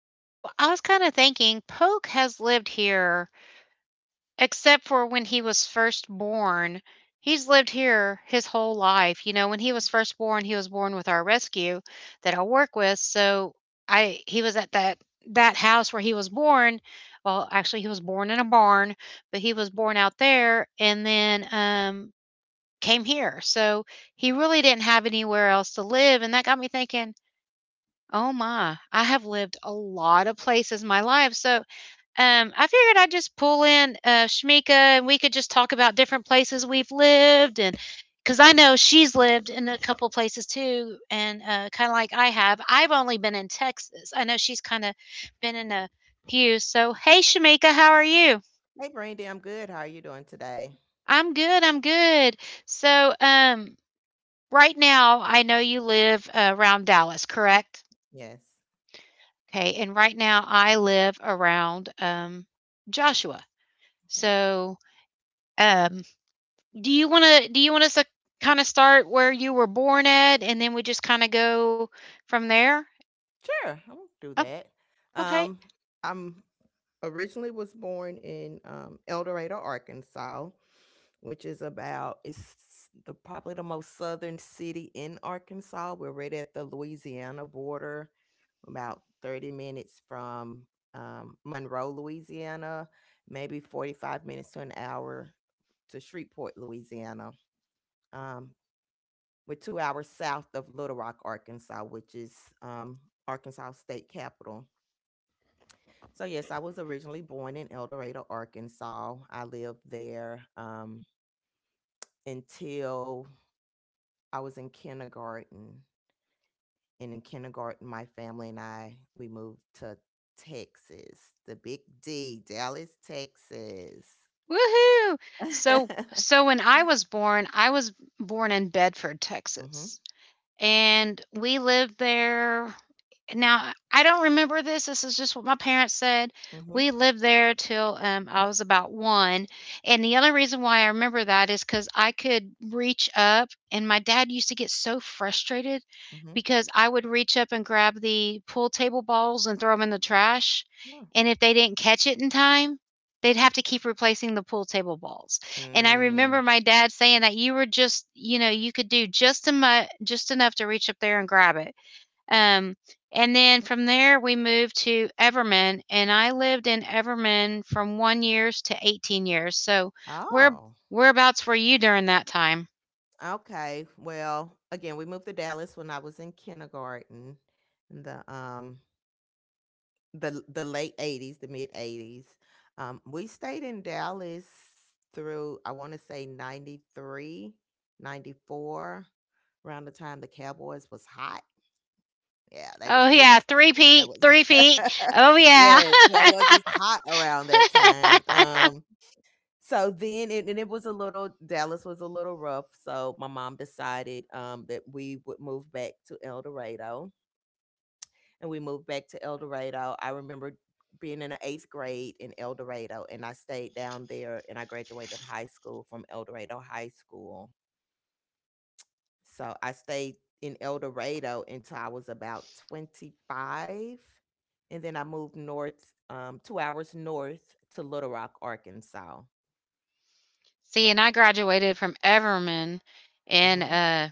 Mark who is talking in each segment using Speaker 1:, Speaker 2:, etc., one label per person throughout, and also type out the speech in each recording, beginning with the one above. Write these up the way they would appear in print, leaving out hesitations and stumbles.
Speaker 1: so I was kind of thinking Polk has lived here, except for when he was first born. He's lived here his whole life. When he was first born, he was born with our rescue that I work with. So I he was at that house where he was born. Well, actually he was born in a barn, but he was born out there and then came here. So he really didn't have anywhere else to live, and that got me thinking, "Oh my, I have lived a lot of places in my life," so, I figured I'd just pull in, Shamika, and we could just talk about different places we've lived, and because I know she's lived in a couple places too, and, kinda like I have. I've only been in Texas. I know she's kinda been in a few, so hey, Shamika, how are you?
Speaker 2: Hey, Brandy, I'm good. How are you doing today?
Speaker 1: I'm good, I'm good. So, right now, I know you live, around Dallas, correct?
Speaker 2: Yes.
Speaker 1: Okay, and right now I live around, Joshua.
Speaker 2: Okay.
Speaker 1: So, um, do you want us to kinda start where you were born at, and then we just kinda go from there?
Speaker 2: Sure, I'll do
Speaker 1: Oh,
Speaker 2: that.
Speaker 1: okay.
Speaker 2: Um, I'm originally was born in El Dorado, Arkansas, which is about it's the probably the most southern city in Arkansas. We're right at the Louisiana border, about 30 minutes from Monroe, Louisiana, maybe 45 minutes to an hour to Shreveport, Louisiana. Um, We're 2 hours south of Little Rock, Arkansas, which is um, Arkansas state capital. So, yes, I was originally born in El Dorado, Arkansas. I lived there until I was in kindergarten. And in kindergarten, my family and I, we moved to Texas, the big D, Dallas, Texas.
Speaker 1: Woohoo! So when I was born in Bedford,
Speaker 2: Mm-hmm.
Speaker 1: Texas,
Speaker 2: Okay.
Speaker 1: and we lived there. Now, I don't remember this. This is just what my parents said.
Speaker 2: Mm-hmm.
Speaker 1: We lived there till I was about one. And the only reason why I remember that is because I could reach up, and my dad used to get so frustrated
Speaker 2: Mm-hmm.
Speaker 1: because I would reach up and grab the pool table balls and throw them in the trash.
Speaker 2: Yeah.
Speaker 1: And if they didn't catch it in time, they'd have to keep replacing the pool table balls. And I remember
Speaker 2: Mm.
Speaker 1: my dad saying that you were just, you could do just enough to reach up there and grab it. Um, and then from there, we moved to Everman, and I lived in Everman from 1 years to 18 years. So where
Speaker 2: Oh.
Speaker 1: whereabouts were you during that time?
Speaker 2: Okay. Well, again, we moved to Dallas when I was in kindergarten in the late 80s, the mid 80s. We stayed in Dallas through, I want to say, 93, 94, around the time the Cowboys was hot. Yeah,
Speaker 1: Oh,
Speaker 2: they
Speaker 1: yeah,
Speaker 2: was
Speaker 1: 3
Speaker 2: that
Speaker 1: feet,
Speaker 2: was.
Speaker 1: 3 feet. Oh, yeah.
Speaker 2: Yes, the Cowboys was hot around that time. So then, it, and it was a little Dallas was a little rough, so my mom decided that we would move back to El Dorado, and we moved back to El Dorado. I remember being in the 8th grade in El Dorado, and I stayed down there, and I graduated high school from El Dorado High School. So I stayed in El Dorado until I was about 25, and then I moved north 2 hours north to Little Rock, Arkansas.
Speaker 1: See, and I graduated from Everman, and,
Speaker 2: Mhm.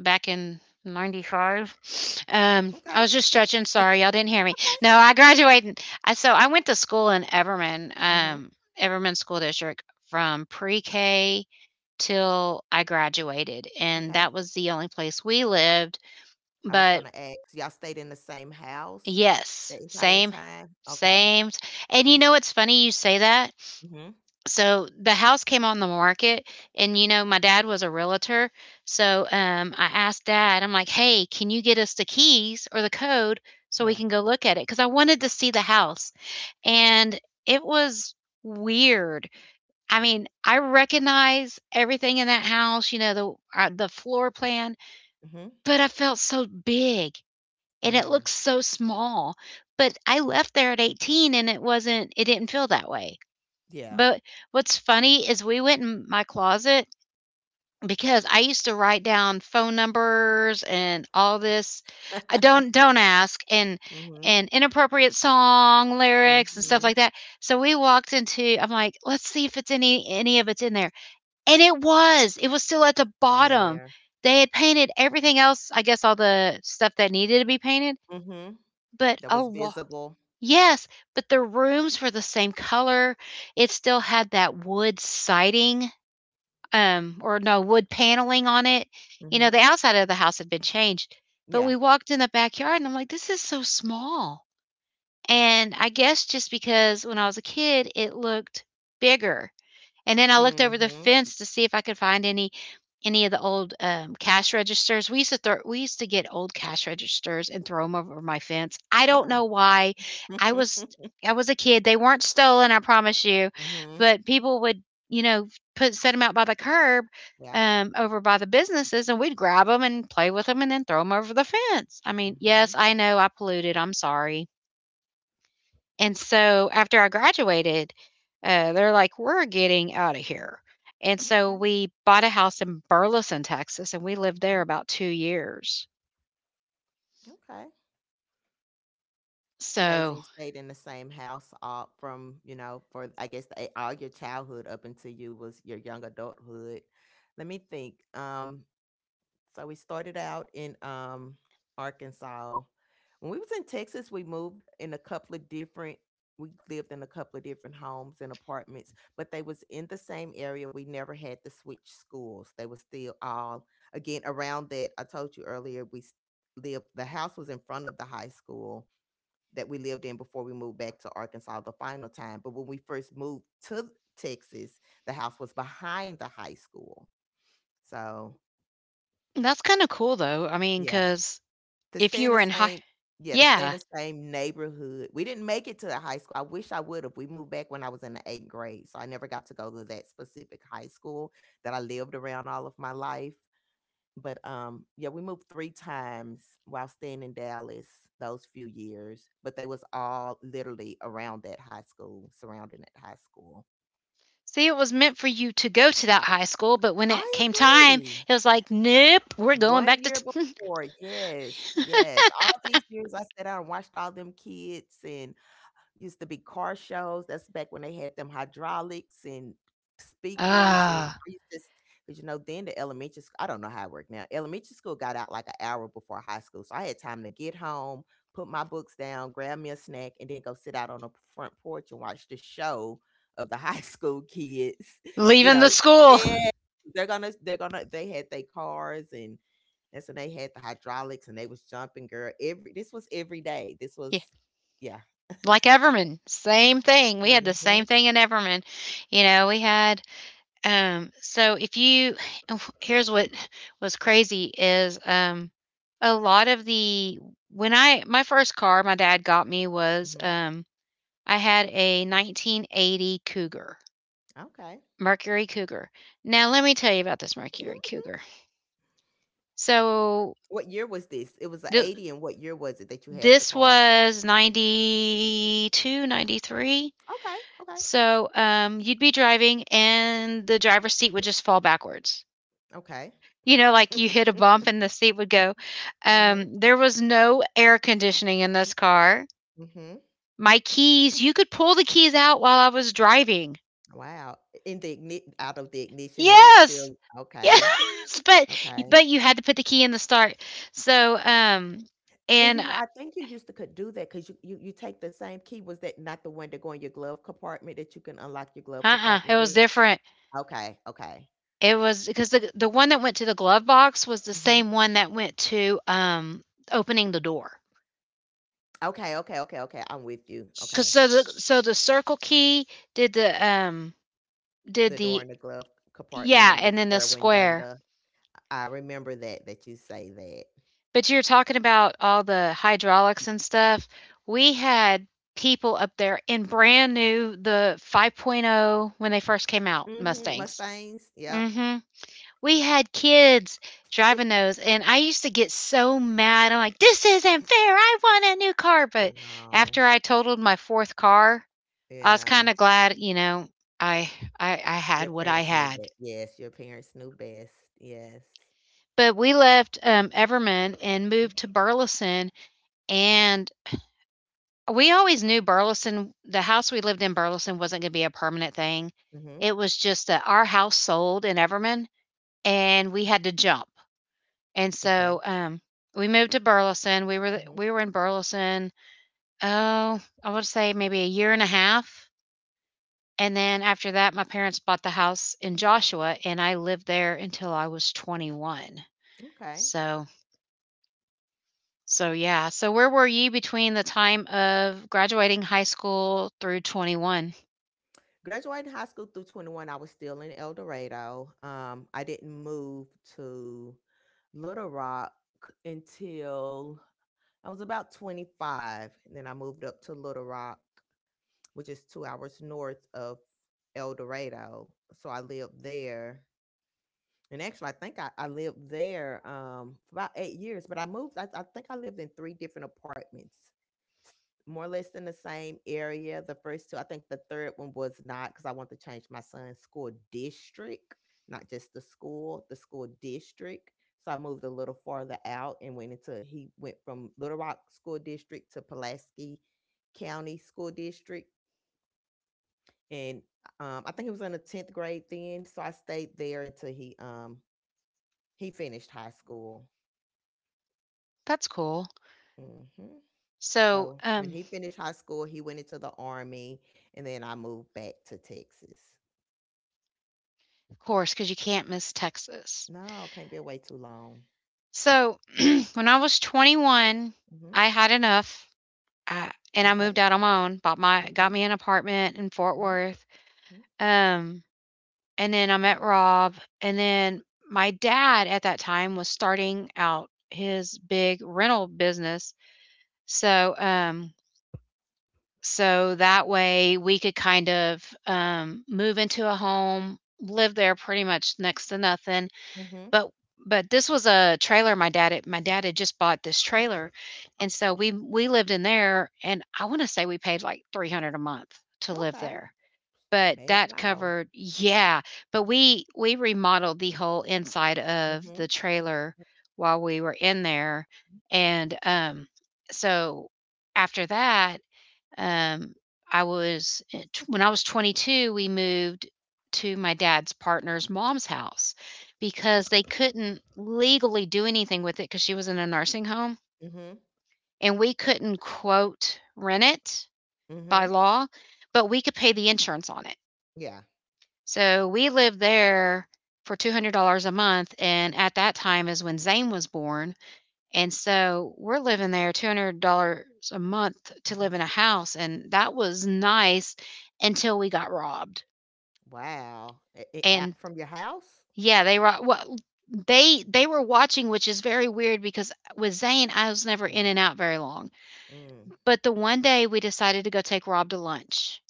Speaker 1: back in 95. I
Speaker 2: Okay.
Speaker 1: was just stretching, sorry y'all didn't hear me. No, I graduated. So I went to school in Everman,
Speaker 2: Okay.
Speaker 1: Everman school district, from pre-K till I graduated, and
Speaker 2: Okay.
Speaker 1: that was the only place we lived.
Speaker 2: I was
Speaker 1: But
Speaker 2: gonna ask, y'all stayed in the same house
Speaker 1: yes,
Speaker 2: the entire
Speaker 1: same,
Speaker 2: time? Okay.
Speaker 1: same. And you know it's funny you say that.
Speaker 2: Mhm.
Speaker 1: So the house came on the market, and my dad was a realtor. So I asked dad, I'm like, "Hey, can you get us the keys or the code so we
Speaker 2: Yeah.
Speaker 1: can go look at it?" Cuz I wanted to see the house. And it was weird. I mean, I recognize everything in that house, the floor plan,
Speaker 2: Mhm.
Speaker 1: but I felt so big and it
Speaker 2: Mm.
Speaker 1: looked so small. But I left there at 18, and it didn't feel that way.
Speaker 2: Yeah.
Speaker 1: But what's funny is we went in my closet because I used to write down phone numbers and all this. I don't don't ask, and
Speaker 2: Mhm.
Speaker 1: and inappropriate song lyrics and stuff
Speaker 2: Mhm.
Speaker 1: like that. So we walked into, I'm like, "Let's see if it's any of it's in there." And it was. It was still at the
Speaker 2: Feeling
Speaker 1: bottom.
Speaker 2: there.
Speaker 1: They had painted everything else, I guess all the stuff that needed to be painted,
Speaker 2: Mhm.
Speaker 1: but
Speaker 2: That was
Speaker 1: a
Speaker 2: visible.
Speaker 1: Yes, but the rooms were the same color. It still had that wood siding, or no, wood paneling on it. You know,
Speaker 2: Mhm.
Speaker 1: the outside of the house had been changed, but
Speaker 2: Yeah.
Speaker 1: we walked in the backyard and I'm like, "This is so small." And I guess just because when I was a kid, it looked bigger. And then I looked over the
Speaker 2: Mhm.
Speaker 1: fence to see if I could find any of the old cash registers. We used to get old cash registers and throw them over my fence. I don't
Speaker 2: Oh.
Speaker 1: know why. I was I was a kid. They weren't stolen, I promise you,
Speaker 2: Mhm.
Speaker 1: but people would you know put set them out by the curb.
Speaker 2: Yeah.
Speaker 1: Over by the businesses, and we'd grab them and play with them and then throw them over the fence. I mean,
Speaker 2: Mhm.
Speaker 1: yes, I know I polluted. I'm sorry. And so after I graduated, they're like, "We're getting out of here." And so
Speaker 2: Okay.
Speaker 1: we bought a house in Burleson, Texas, and we lived there
Speaker 2: Okay.
Speaker 1: about 2 years.
Speaker 2: Okay. It's amazing
Speaker 1: So
Speaker 2: you stayed in the same house all from, you know, for, I guess, all your childhood up until you was your young adulthood. Let me think. So we started out in Arkansas. When we was in Texas, we lived in a couple of different homes and apartments, but they was in the same area. We never had to switch schools. They were still all, again, around that. I told you earlier, lived, the house was in front of the high school that we lived in before we moved back to Arkansas the final time. But when we first moved to Texas, the house was behind the high school. So
Speaker 1: that's kinda cool though. I mean,
Speaker 2: yeah,
Speaker 1: because
Speaker 2: to
Speaker 1: if
Speaker 2: stay
Speaker 1: you
Speaker 2: in the
Speaker 1: were in high—
Speaker 2: same yeah to stay in
Speaker 1: Yeah.
Speaker 2: the same neighborhood. We didn't make it to the high school. I wish I would have. We moved back when I was in the eighth grade, so I never got to go to that specific high school that I lived around all of my life. But yeah, we moved three times while staying in Dallas those few years, but they was all literally around that high school, surrounding that high school.
Speaker 1: See, it was meant for you to go to that high school, but when
Speaker 2: I
Speaker 1: it came time,
Speaker 2: agree.
Speaker 1: it was like, "Nope, we're going
Speaker 2: One
Speaker 1: back to
Speaker 2: year
Speaker 1: t—"
Speaker 2: before. Yes, yes, all these years I sat down and watched all them kids, and used to be car shows. That's back when they had them hydraulics and speakers, and I
Speaker 1: Ah,
Speaker 2: used to, because then, the elementary school, I don't know how it worked now. Elementary school got out like an hour before high school. So I had time to get home, put my books down, grab me a snack, and then go sit out on the front porch and watch the show of the high school kids. You
Speaker 1: leaving the
Speaker 2: know,
Speaker 1: school.
Speaker 2: yeah. They had their cars, and that's when they had the hydraulics, and they was jumping, girl, every this was every day. This was.
Speaker 1: Yeah,
Speaker 2: Yeah.
Speaker 1: like Everman, same thing. We had the
Speaker 2: Mhm.
Speaker 1: same thing in Everman. You know, we had. So if you, here's what was crazy is, a lot of the, when I, my first car my dad got me was,
Speaker 2: Mhm.
Speaker 1: I had a 1980 Cougar,
Speaker 2: Okay.
Speaker 1: Mercury Cougar. Now let me tell you about this Mercury Cougar. So
Speaker 2: What year was this? It was a
Speaker 1: th-
Speaker 2: 80, and what year was it that you had the
Speaker 1: this
Speaker 2: car?
Speaker 1: was 92, 93.
Speaker 2: Okay, okay,
Speaker 1: So you'd be driving and the driver's seat would just fall backwards.
Speaker 2: okay.
Speaker 1: You know, like you hit a bump and the seat would go.
Speaker 2: Mhm,
Speaker 1: There was no air conditioning in this car.
Speaker 2: mhm.
Speaker 1: My keys, you could pull the keys out while I was driving.
Speaker 2: Wow. In the igni Out of the ignition, and it's
Speaker 1: Yes.
Speaker 2: still okay.
Speaker 1: Yes, but
Speaker 2: Okay.
Speaker 1: but you had to put the key in the start. So,
Speaker 2: And,
Speaker 1: and
Speaker 2: you know, I think you used to could do that, because you take the same key. Was that not the one that go in your glove compartment, that you can unlock your glove
Speaker 1: uh, it
Speaker 2: compartment
Speaker 1: was
Speaker 2: with?
Speaker 1: different.
Speaker 2: Okay, okay.
Speaker 1: It was because the one that went to the glove box was the
Speaker 2: Mhm.
Speaker 1: same one that went to, opening the door.
Speaker 2: Okay, okay, okay, okay, I'm with you,
Speaker 1: Cuz
Speaker 2: okay.
Speaker 1: so the circle key did the um did
Speaker 2: The door in
Speaker 1: the
Speaker 2: the glove compartment
Speaker 1: Yeah,
Speaker 2: and the
Speaker 1: and then the
Speaker 2: square
Speaker 1: square.
Speaker 2: window. I remember that, that you say that.
Speaker 1: But you're talking about all the hydraulics and stuff. We had people up there in brand new, the 5.0 when they first came out,
Speaker 2: Mhm,
Speaker 1: Mustangs.
Speaker 2: Mustangs, yep.
Speaker 1: Mhm. We had kids driving those and I used to get so mad. I'm like, "This isn't fair. I want a new car." But
Speaker 2: Oh,
Speaker 1: after I totaled my 4th car, I was
Speaker 2: yeah.
Speaker 1: kind of glad, I I
Speaker 2: Your
Speaker 1: had what I
Speaker 2: parents knew
Speaker 1: had.
Speaker 2: that. Yes, your parents knew best. Yes.
Speaker 1: But we left, Everman and moved
Speaker 2: Mm.
Speaker 1: to Burleson. And we always knew Burleson the house we lived in Burleson wasn't gonna be a permanent thing.
Speaker 2: Mhm.
Speaker 1: It was just that our house sold in Everman and we had to jump. And so,
Speaker 2: Okay.
Speaker 1: we moved to Burleson. We were
Speaker 2: Mhm.
Speaker 1: we were in Burleson, oh, I would say maybe a year and a half, and then after that, my parents bought the house in Joshua, and I lived there until I was 21.
Speaker 2: Okay.
Speaker 1: So yeah. So where were you between the time of graduating high school through 21?
Speaker 2: Graduating high school through 21, I was still in El Dorado. I didn't move to Little Rock until I was about 25. And then I moved up to Little Rock, which is 2 hours north of El Dorado. So I lived there. And actually, I think I lived there for about 8 years, but I moved. I think I lived in three different apartments, more or less in the same area. The first two, I think, the third one was not because I wanted to change my son's school district, not just the school district. So I moved a little farther out and he went from Little Rock School District to Pulaski County School District, and I think it was in the 10th grade then. So I stayed there until he finished high school.
Speaker 1: That's cool.
Speaker 2: Hmm.
Speaker 1: So,
Speaker 2: So when he finished high school, he went into the army, and then I moved back to Texas.
Speaker 1: of course, because you can't miss Texas.
Speaker 2: No, can't be away too long.
Speaker 1: So, when I was 21,
Speaker 2: Hmm.
Speaker 1: I had enough, and I
Speaker 2: Okay,
Speaker 1: moved out on my own, bought my got
Speaker 2: okay.
Speaker 1: me an apartment in Fort
Speaker 2: Mm-hmm.
Speaker 1: Worth,
Speaker 2: Mm-hmm.
Speaker 1: um, and then I met Rob, and then my dad at that time was starting out his big rental business, so, so that way we could kind of, move into a home, live there pretty much next to nothing.
Speaker 2: Mm-hmm.
Speaker 1: But but this was a trailer my dad had just bought this trailer, and so we lived in there, and I wanna say we paid, like, 300 a month to live
Speaker 2: Okay,
Speaker 1: there, but
Speaker 2: bad at
Speaker 1: that
Speaker 2: all.
Speaker 1: covered— Yeah, but we remodeled the whole inside of
Speaker 2: Hmm.
Speaker 1: the trailer while we were in there, and, so after that, um, when I was 22, we moved to my dad's partner's mom's house because they couldn't legally do anything with it because she was in a nursing home,
Speaker 2: Hmm.
Speaker 1: and we couldn't, quote, rent it by
Speaker 2: Hmm.
Speaker 1: law, but we could pay the insurance on it.
Speaker 2: Yeah.
Speaker 1: So we lived there for $200 a month, and at that time is when Zane was born. And so we're living there $200 a month to
Speaker 2: Hmm.
Speaker 1: live in a house, and that was nice until we got robbed.
Speaker 2: Wow.
Speaker 1: And
Speaker 2: From your house?
Speaker 1: yeah, they were well, they were watching, which is very weird because with Zane, I was never in and out very long.
Speaker 2: Mm-hmm.
Speaker 1: But the one day we decided to go take Rob to lunch,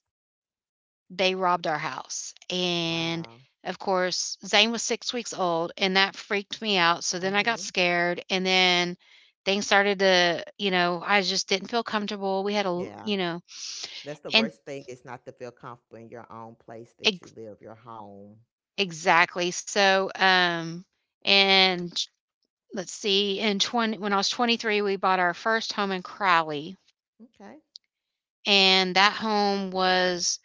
Speaker 1: they robbed our house. And
Speaker 2: Wow.
Speaker 1: of course, Zane was 6 weeks old, and that freaked me out. So then I got
Speaker 2: Hmm.
Speaker 1: scared, and then things started to, I just didn't feel comfortable. We had a,
Speaker 2: Yeah.
Speaker 1: you know,
Speaker 2: That's the
Speaker 1: and
Speaker 2: worst thing, is not to feel comfortable in your own place that you
Speaker 1: ex-
Speaker 2: live, your home.
Speaker 1: exactly. So, and let's see, in 20, when I was 23, we bought our first home in Crowley.
Speaker 2: Okay.
Speaker 1: And that home was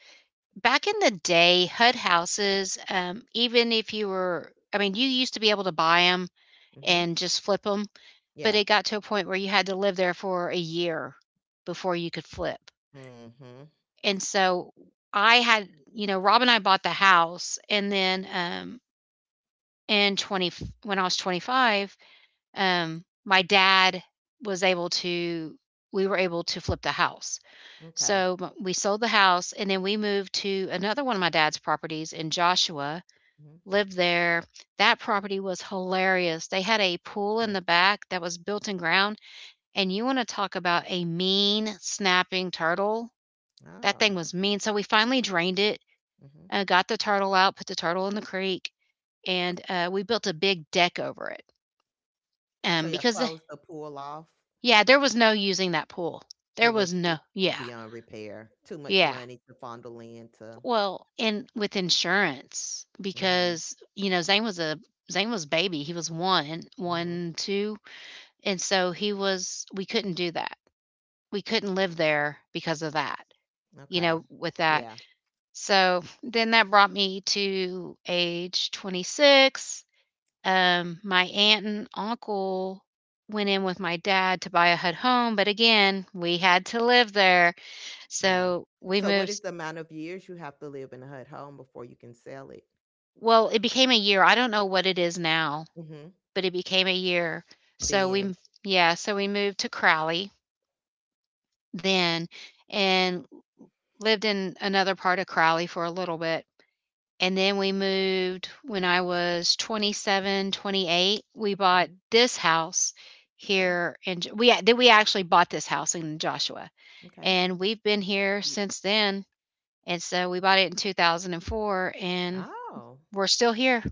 Speaker 1: back in the day, HUD houses, even if you were, I mean, you used to be able to buy them
Speaker 2: Mm-hmm.
Speaker 1: and just flip them, but
Speaker 2: Yeah.
Speaker 1: it got to a point where you had to live there for a year before you could flip.
Speaker 2: Mm-hmm.
Speaker 1: And so I had, you know, Rob and I bought the house, and then in 20, when I was 25, my dad was able to we were able to flip the house.
Speaker 2: Okay.
Speaker 1: So we sold the house, and then we moved to another one of my dad's properties in Joshua,
Speaker 2: Mm-hmm.
Speaker 1: lived there. That property was hilarious. They had a pool in
Speaker 2: Hmm.
Speaker 1: the back that was built in ground. And you wanna talk about a mean, snapping turtle? That thing
Speaker 2: Oh.
Speaker 1: was mean, so we finally drained it,
Speaker 2: Mm-hmm.
Speaker 1: got the turtle out, put the turtle in the creek, and, we built a big deck over it,
Speaker 2: So y'all
Speaker 1: because the
Speaker 2: closed the pool off.
Speaker 1: Yeah, there was no using that pool. There
Speaker 2: It
Speaker 1: was
Speaker 2: was
Speaker 1: no
Speaker 2: it
Speaker 1: Yeah,
Speaker 2: beyond repair. Too much
Speaker 1: yeah.
Speaker 2: money to fondle into.
Speaker 1: Well, and with insurance,
Speaker 2: Mm-hmm.
Speaker 1: because, you know, Zane was baby, he was one,
Speaker 2: Mm-hmm.
Speaker 1: one, 2, and so he was we couldn't do that. We couldn't live there because of that, you
Speaker 2: Okay.
Speaker 1: know, with that.
Speaker 2: Yeah.
Speaker 1: So then that brought me to age 26. My aunt and uncle went in with my dad to buy a HUD home, but again, we had to live there.
Speaker 2: Yeah.
Speaker 1: So we
Speaker 2: So what
Speaker 1: moved.
Speaker 2: is the amount of years you have to live in a HUD home before you can sell it?
Speaker 1: Well, it became a year. I don't know what it is now,
Speaker 2: Mm-hmm.
Speaker 1: but it became a year. So
Speaker 2: Then.
Speaker 1: we, yeah, so we moved to Crowley then and lived in another part of Crowley for a little bit. And then we moved when I was 27, 28, we bought
Speaker 2: Mm-hmm.
Speaker 1: this house
Speaker 2: Okay.
Speaker 1: here, and we then we actually bought this house in Joshua,
Speaker 2: Okay.
Speaker 1: and we've been here since then, and so we bought it in 2004, and
Speaker 2: Oh.
Speaker 1: we're still here.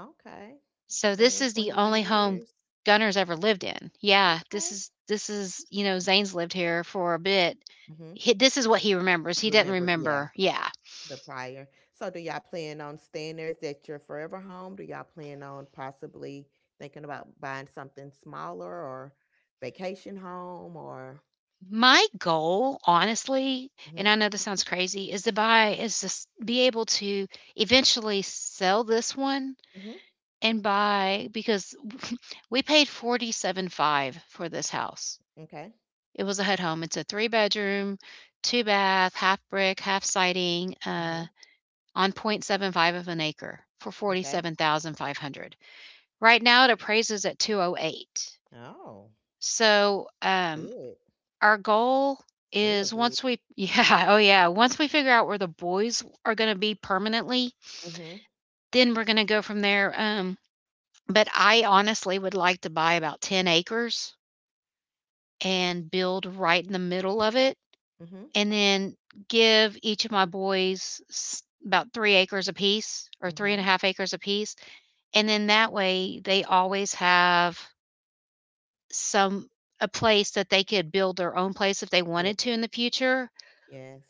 Speaker 2: Okay.
Speaker 1: So this
Speaker 2: Twenty
Speaker 1: is the
Speaker 2: 21
Speaker 1: only home
Speaker 2: years.
Speaker 1: Gunner's ever lived in. Yeah, this
Speaker 2: Okay.
Speaker 1: is this is, you know, Zane's lived here for a bit.
Speaker 2: Hmm.
Speaker 1: He this is what he remembers. He didn't
Speaker 2: Remember, yeah,
Speaker 1: remember, yeah.
Speaker 2: the prior. So do y'all plan on staying there? Is that your forever home? Do y'all plan on possibly thinking about buying something smaller, or vacation home, or—
Speaker 1: My goal, honestly,
Speaker 2: Hmm.
Speaker 1: and I know this sounds crazy, is to buy is to be able to eventually sell this one
Speaker 2: Hmm.
Speaker 1: and buy, because we paid forty-seven five for this house.
Speaker 2: Okay.
Speaker 1: It was a HUD home. It's a three bedroom, two bath, half brick, half siding,
Speaker 2: Hmm.
Speaker 1: on point .75 of an acre for
Speaker 2: Okay.
Speaker 1: 47,500. Right now it appraises at 208.
Speaker 2: Oh,
Speaker 1: So,
Speaker 2: it's good.
Speaker 1: our goal
Speaker 2: It's real
Speaker 1: is,
Speaker 2: good.
Speaker 1: once we yeah, oh yeah, once we figure out where the boys are gonna be permanently,
Speaker 2: Hmm.
Speaker 1: then we're gonna go from there, but I honestly would like to buy about 10 acres and build right in the middle of it,
Speaker 2: Hmm.
Speaker 1: and then give each of my boys s about 3 acres apiece, or 3 and a
Speaker 2: Hmm.
Speaker 1: half acres apiece, and then that way, they always have some a place that they could build their own place if they
Speaker 2: Yeah.
Speaker 1: wanted to in the future,
Speaker 2: Yes.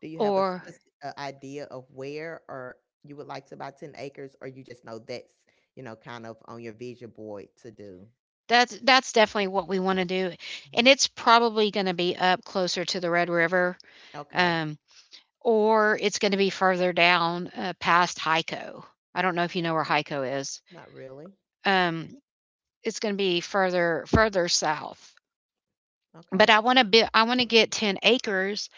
Speaker 2: Do you have
Speaker 1: or
Speaker 2: a idea of where, or you would like to buy 10 acres, or you just know that's, kind of on your vision board to do?
Speaker 1: That's definitely what we wanna do,
Speaker 2: Mhm.
Speaker 1: and it's probably gonna be up closer to the Red River,
Speaker 2: Okay.
Speaker 1: um, or it's gonna be further down, past Hyco. I don't know if you know where
Speaker 2: Okay.
Speaker 1: Hyco is.
Speaker 2: Not really.
Speaker 1: Um, it's gonna be further south, but
Speaker 2: Okay.
Speaker 1: I wanna get 10 acres,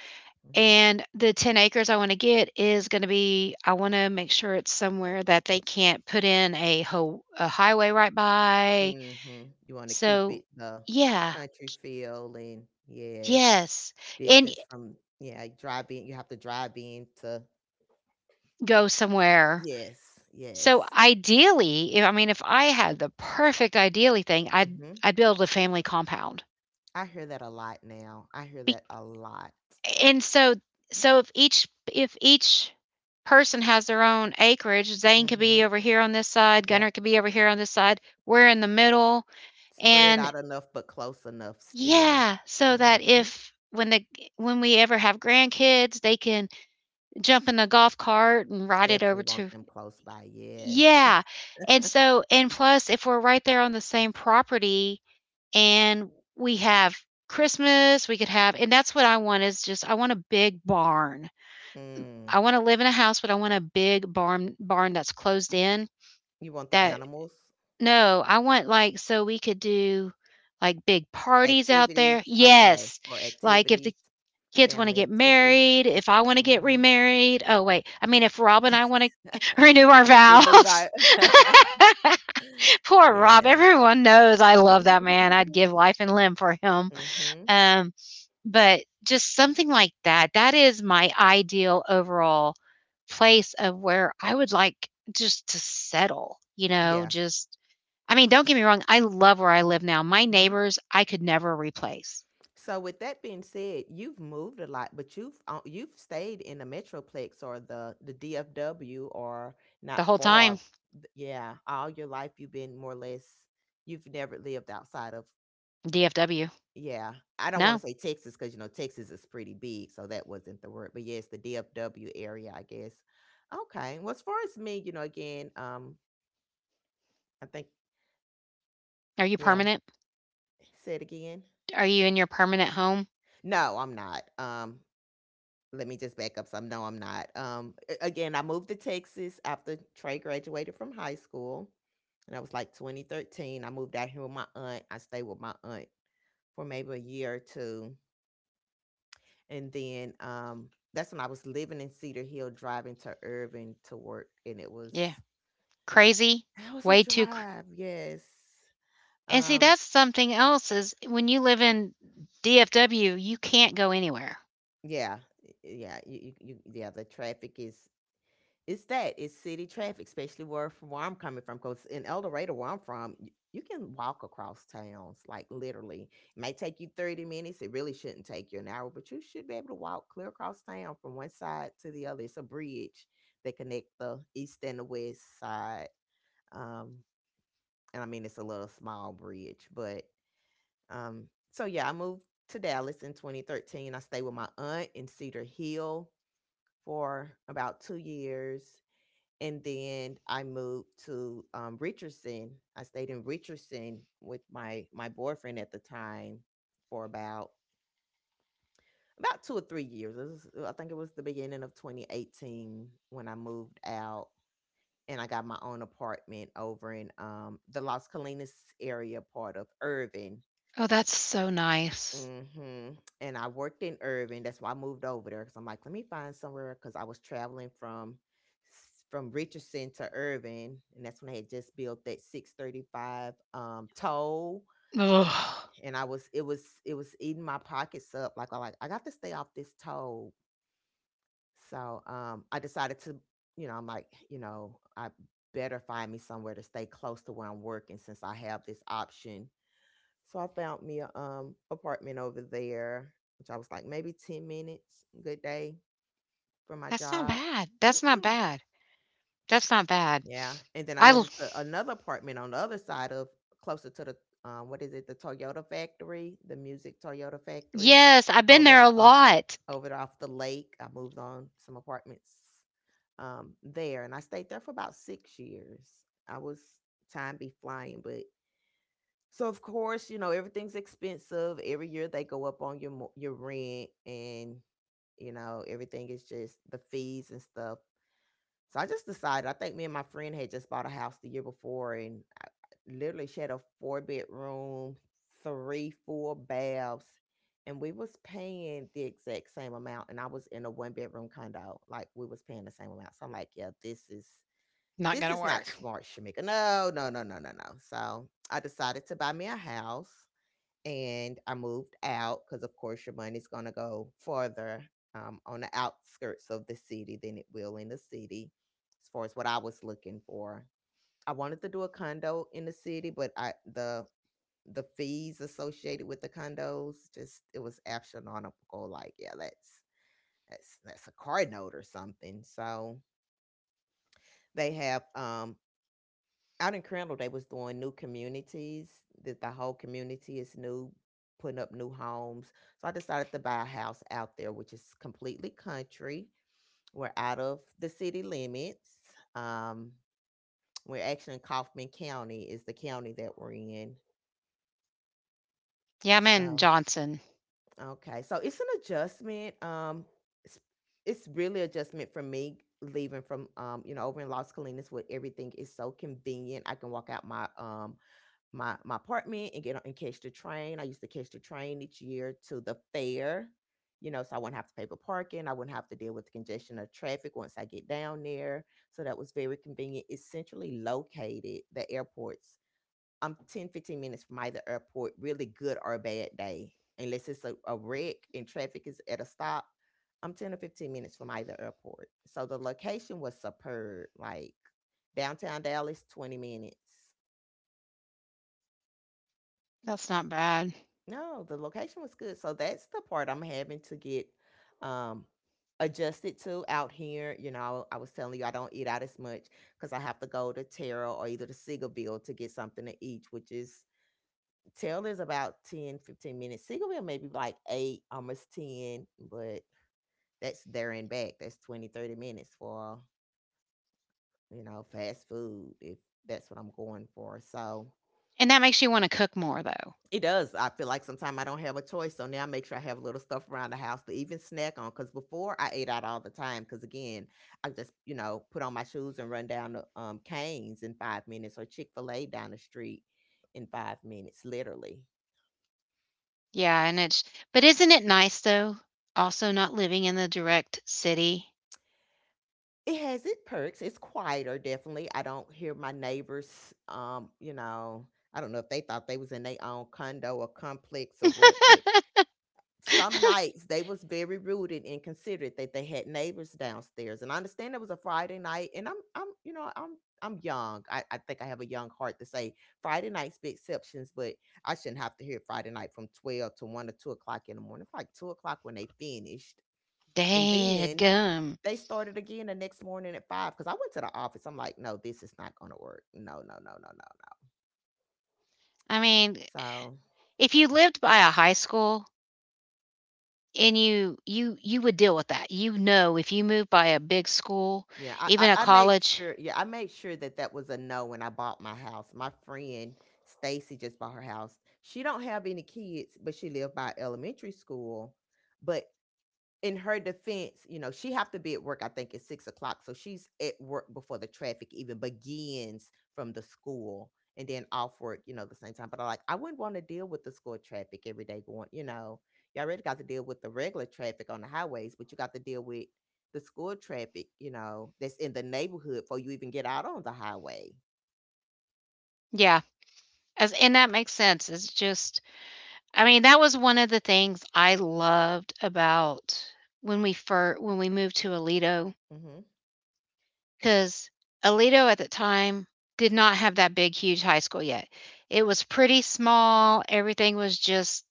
Speaker 2: Mhm.
Speaker 1: and the 10 acres I wanna get is gonna be I wanna make sure it's somewhere that they can't put in a ho a highway right by.
Speaker 2: Mhm. You wanna keep
Speaker 1: So
Speaker 2: it the
Speaker 1: yeah,
Speaker 2: country feel, and yes,
Speaker 1: yes, and
Speaker 2: distance from, yeah, drive in. You have to drive in to,
Speaker 1: Go somewhere.
Speaker 2: yes,
Speaker 1: So
Speaker 2: yes.
Speaker 1: ideally, if I mean, if I had the perfect ideally thing, I'd
Speaker 2: Mhm.
Speaker 1: I'd build a family compound.
Speaker 2: I hear that a lot now. I hear
Speaker 1: Be-
Speaker 2: that a lot.
Speaker 1: and so so if each person has their own acreage, Zane could be
Speaker 2: Mhm.
Speaker 1: over here on this side,
Speaker 2: Yeah.
Speaker 1: Gunnar could be over here on this side. We're in the middle,
Speaker 2: Spread
Speaker 1: and
Speaker 2: out enough, but close enough still.
Speaker 1: yeah, so that
Speaker 2: Mhm.
Speaker 1: if when we ever have grandkids, they can jump in a golf cart and ride it
Speaker 2: Definitely
Speaker 1: over
Speaker 2: want
Speaker 1: to
Speaker 2: them close by, yes.
Speaker 1: Yeah, and so and plus, if we're right there on the same property and we have Christmas, we could have and that's what I want is just I want a big barn.
Speaker 2: Mm.
Speaker 1: I wanna live in a house, but I want a big barn that's closed in,
Speaker 2: You want the
Speaker 1: that
Speaker 2: animals?
Speaker 1: no, I want, like, so we could do, like, big parties out
Speaker 2: Activities?
Speaker 1: there.
Speaker 2: Okay,
Speaker 1: Yes,
Speaker 2: or
Speaker 1: like, if
Speaker 2: activities,
Speaker 1: the kids wanna
Speaker 2: family
Speaker 1: get
Speaker 2: activities.
Speaker 1: married, if I wanna get
Speaker 2: Mhm.
Speaker 1: remarried. Oh, wait, I mean, if Rob and I wanna renew our
Speaker 2: Renew vi
Speaker 1: vows. Poor Rob.
Speaker 2: Yes.
Speaker 1: Everyone knows I love that man. I'd give life and limb for him.
Speaker 2: Mhm.
Speaker 1: Um, but just something like that. That is my ideal overall place of where I would like just to settle, you know,
Speaker 2: Yeah.
Speaker 1: just I mean, don't get me wrong, I love where I live now. My
Speaker 2: Mhm.
Speaker 1: neighbors I could never replace.
Speaker 2: So with that being said, you've moved a lot, but you've stayed in the Metroplex, or the DFW, or—
Speaker 1: The
Speaker 2: not
Speaker 1: whole time
Speaker 2: far. Yeah, all your life you've been more or less, you've never lived outside of.
Speaker 1: DFW.
Speaker 2: Yeah. I don't want
Speaker 1: No.
Speaker 2: to say Texas, because, you know, Texas is pretty big, so that wasn't the word. But yes, the DFW area, I guess. Okay. Well, as far as me, again, I think.
Speaker 1: Are you
Speaker 2: Yeah.
Speaker 1: permanent?
Speaker 2: Say it again.
Speaker 1: Are you in your permanent home?
Speaker 2: No, I'm not. Let me just back up some. No, I'm not. Again, I moved to Texas after Trey graduated from high school, and I was like 2013. I moved out here with my aunt. I stayed with my aunt for maybe a year or two. And then, that's when I was living in Cedar Hill, driving to Irving to work, and it was
Speaker 1: Yeah. Crazy.
Speaker 2: that was a
Speaker 1: Way too crazy.
Speaker 2: drive, yes.
Speaker 1: And see,
Speaker 2: Um,
Speaker 1: that's something else is when you live in DFW, you can't go anywhere.
Speaker 2: yeah, yeah, you yeah, the traffic is it's that it's city traffic, especially where from where I'm coming from. Because in El Dorado, where I'm from, you can walk across towns, like literally. It may take you 30 minutes, it really shouldn't take you an hour, but you should be able to walk clear across town from one side to the other. It's a bridge that connect the east and the west side. Um, and I mean, it's a little small bridge, but um, so yeah, I moved to Dallas in 2013. I stayed with my aunt in Cedar Hill for about 2 years. And then I moved to Richardson. I stayed in Richardson with my boyfriend at the time for about 2 or 3 years. I think it was the beginning of 2018 when I moved out and I got my own apartment over in the Las Colinas area part of Irving.
Speaker 1: Oh, that's so nice.
Speaker 2: Hmm. And I worked in Irving. That's why I moved over there because I'm like, let me find somewhere because I was traveling from from Richardson to Irving, and that's when I had just built that 635 toll,
Speaker 1: Ugh.
Speaker 2: and I was it was it was eating my pockets up. Like I got to stay off this toll. So I decided to, I'm like, I better find me somewhere to stay close to where I'm working since I have this option. So I found me a apartment over there, which I was like maybe 10 minutes, good day, from my
Speaker 1: That's not
Speaker 2: job.
Speaker 1: bad. That's not
Speaker 2: Mm-mm.
Speaker 1: bad. That's not bad.
Speaker 2: Yeah, and then I
Speaker 1: I l-
Speaker 2: moved to another apartment on the other side of, closer to the what is it, the Toyota factory, the music Toyota factory,
Speaker 1: yes, I've been there a
Speaker 2: over off the
Speaker 1: lot.
Speaker 2: over off the lake. I moved on some apartments there, and I stayed there for about 6 years. I was, time be flying, but so of course you know everything's expensive. Every year they go up on your your rent, and you know everything is just the fees and stuff. So I just decided, I think me and my friend had just bought a house the year before, and I literally, she had a four bedroom, three full baths, and we was paying the exact same amount. And I was in a one bedroom condo, like we was paying the same amount. So I'm like, yeah, this is
Speaker 1: Not
Speaker 2: this
Speaker 1: gonna
Speaker 2: is not
Speaker 1: work.
Speaker 2: smart, Shamika. No, no, no, no, no, no. So I decided to buy me a house and I moved out because, of course, your money's going to go farther on the outskirts of the city than it will in the city as far as what I was looking for. I wanted to do a condo in the city, but I the fees associated with the condos, just it was astronomical. Like, yeah, that's a car note or something. So they have out in Crandall, they was doing new communities. That, the whole community is new, putting up new homes. So I decided to buy a house out there, which is completely country. We're out of the city limits. Um, we're actually in Kaufman County, is the county that we're in.
Speaker 1: Yeah, I'm in
Speaker 2: So
Speaker 1: Johnson.
Speaker 2: okay, so it's an adjustment. It's, it's really adjustment for me leaving from you know, over in Los Colinas where everything is so convenient. I can walk out my my apartment and get on and catch the train. I used to catch the train each year to the fair, you know, so I wouldn't have to pay for parking. I wouldn't have to deal with the congestion of traffic once I get down there. So that was very convenient. It's centrally located. The airports, I'm ten, 15 minutes from either airport, really, good or a bad day. Unless it's a wreck and traffic is at a stop. I'm 10 or 15 minutes from either airport. So the location was superb. Like downtown Dallas, 20 minutes.
Speaker 1: That's not bad.
Speaker 2: No, the location was good. So that's the part I'm having to get um adjusted to out here. You know, I was telling you I don't eat out as much because I have to go to Terra or either to Seagoville to get something to eat, which is, Terra is about 10, 15 minutes. Seagoville maybe like eight, almost 10, but that's there and back. That's 20, 30 minutes for, you know, fast food if that's what I'm going for. So,
Speaker 1: And that makes you want to cook more though.
Speaker 2: it does. I feel like sometimes I don't have a choice, so now I make sure I have a little stuff around the house to even snack on. Because before I ate out all the time, because again, I just you know, put on my shoes and run down to Canes in 5 minutes or Chick Fil A down the street in 5 minutes, literally.
Speaker 1: Yeah, and it's but isn't it nice though? Also not living in the direct city.
Speaker 2: It has its perks. It's quieter, definitely. I don't hear my neighbors. You know, I don't know if they thought they was in their own condo or complex or what, but some nights they was very rude and inconsiderate that they had neighbors downstairs. And I understand it was a Friday night and I'm you know I'm young. I think I have a young heart to say Friday nights be exceptions, but I shouldn't have to hear Friday night from 12 to 1 or 2 o'clock in the morning. It's like 2 o'clock when they finished and
Speaker 1: Dad
Speaker 2: then
Speaker 1: gum.
Speaker 2: they started again the next morning at 5 because I went to the office. I'm like, no, this is not going to work, no no no no no no.
Speaker 1: I mean,
Speaker 2: So,
Speaker 1: if you lived by a high school, and you would deal with that. You know, if you move by a big school,
Speaker 2: yeah, I, I
Speaker 1: even a
Speaker 2: I made
Speaker 1: college,
Speaker 2: sure. Yeah, I made sure that that was a no when I bought my house. My friend Stacy just bought her house. She don't have any kids, but she lived by elementary school. But in her defense, you know, she have to be at work, I think at 6 o'clock, so she's at work before the traffic even begins from the school, and then off work, you know, the same time. But I, like, I wouldn't want to deal with the school traffic every day going. You know, you already got to deal with the regular traffic on the highways, but you got to deal with the school traffic, you know, that's in the neighborhood before you even get out on the highway.
Speaker 1: yeah. As and that makes sense. It's just I mean, that was one of the things I loved about when we when we moved to Alito,
Speaker 2: Hmm.
Speaker 1: cuz Alito at the time did not have that big huge high school yet. It was pretty small. Everything was just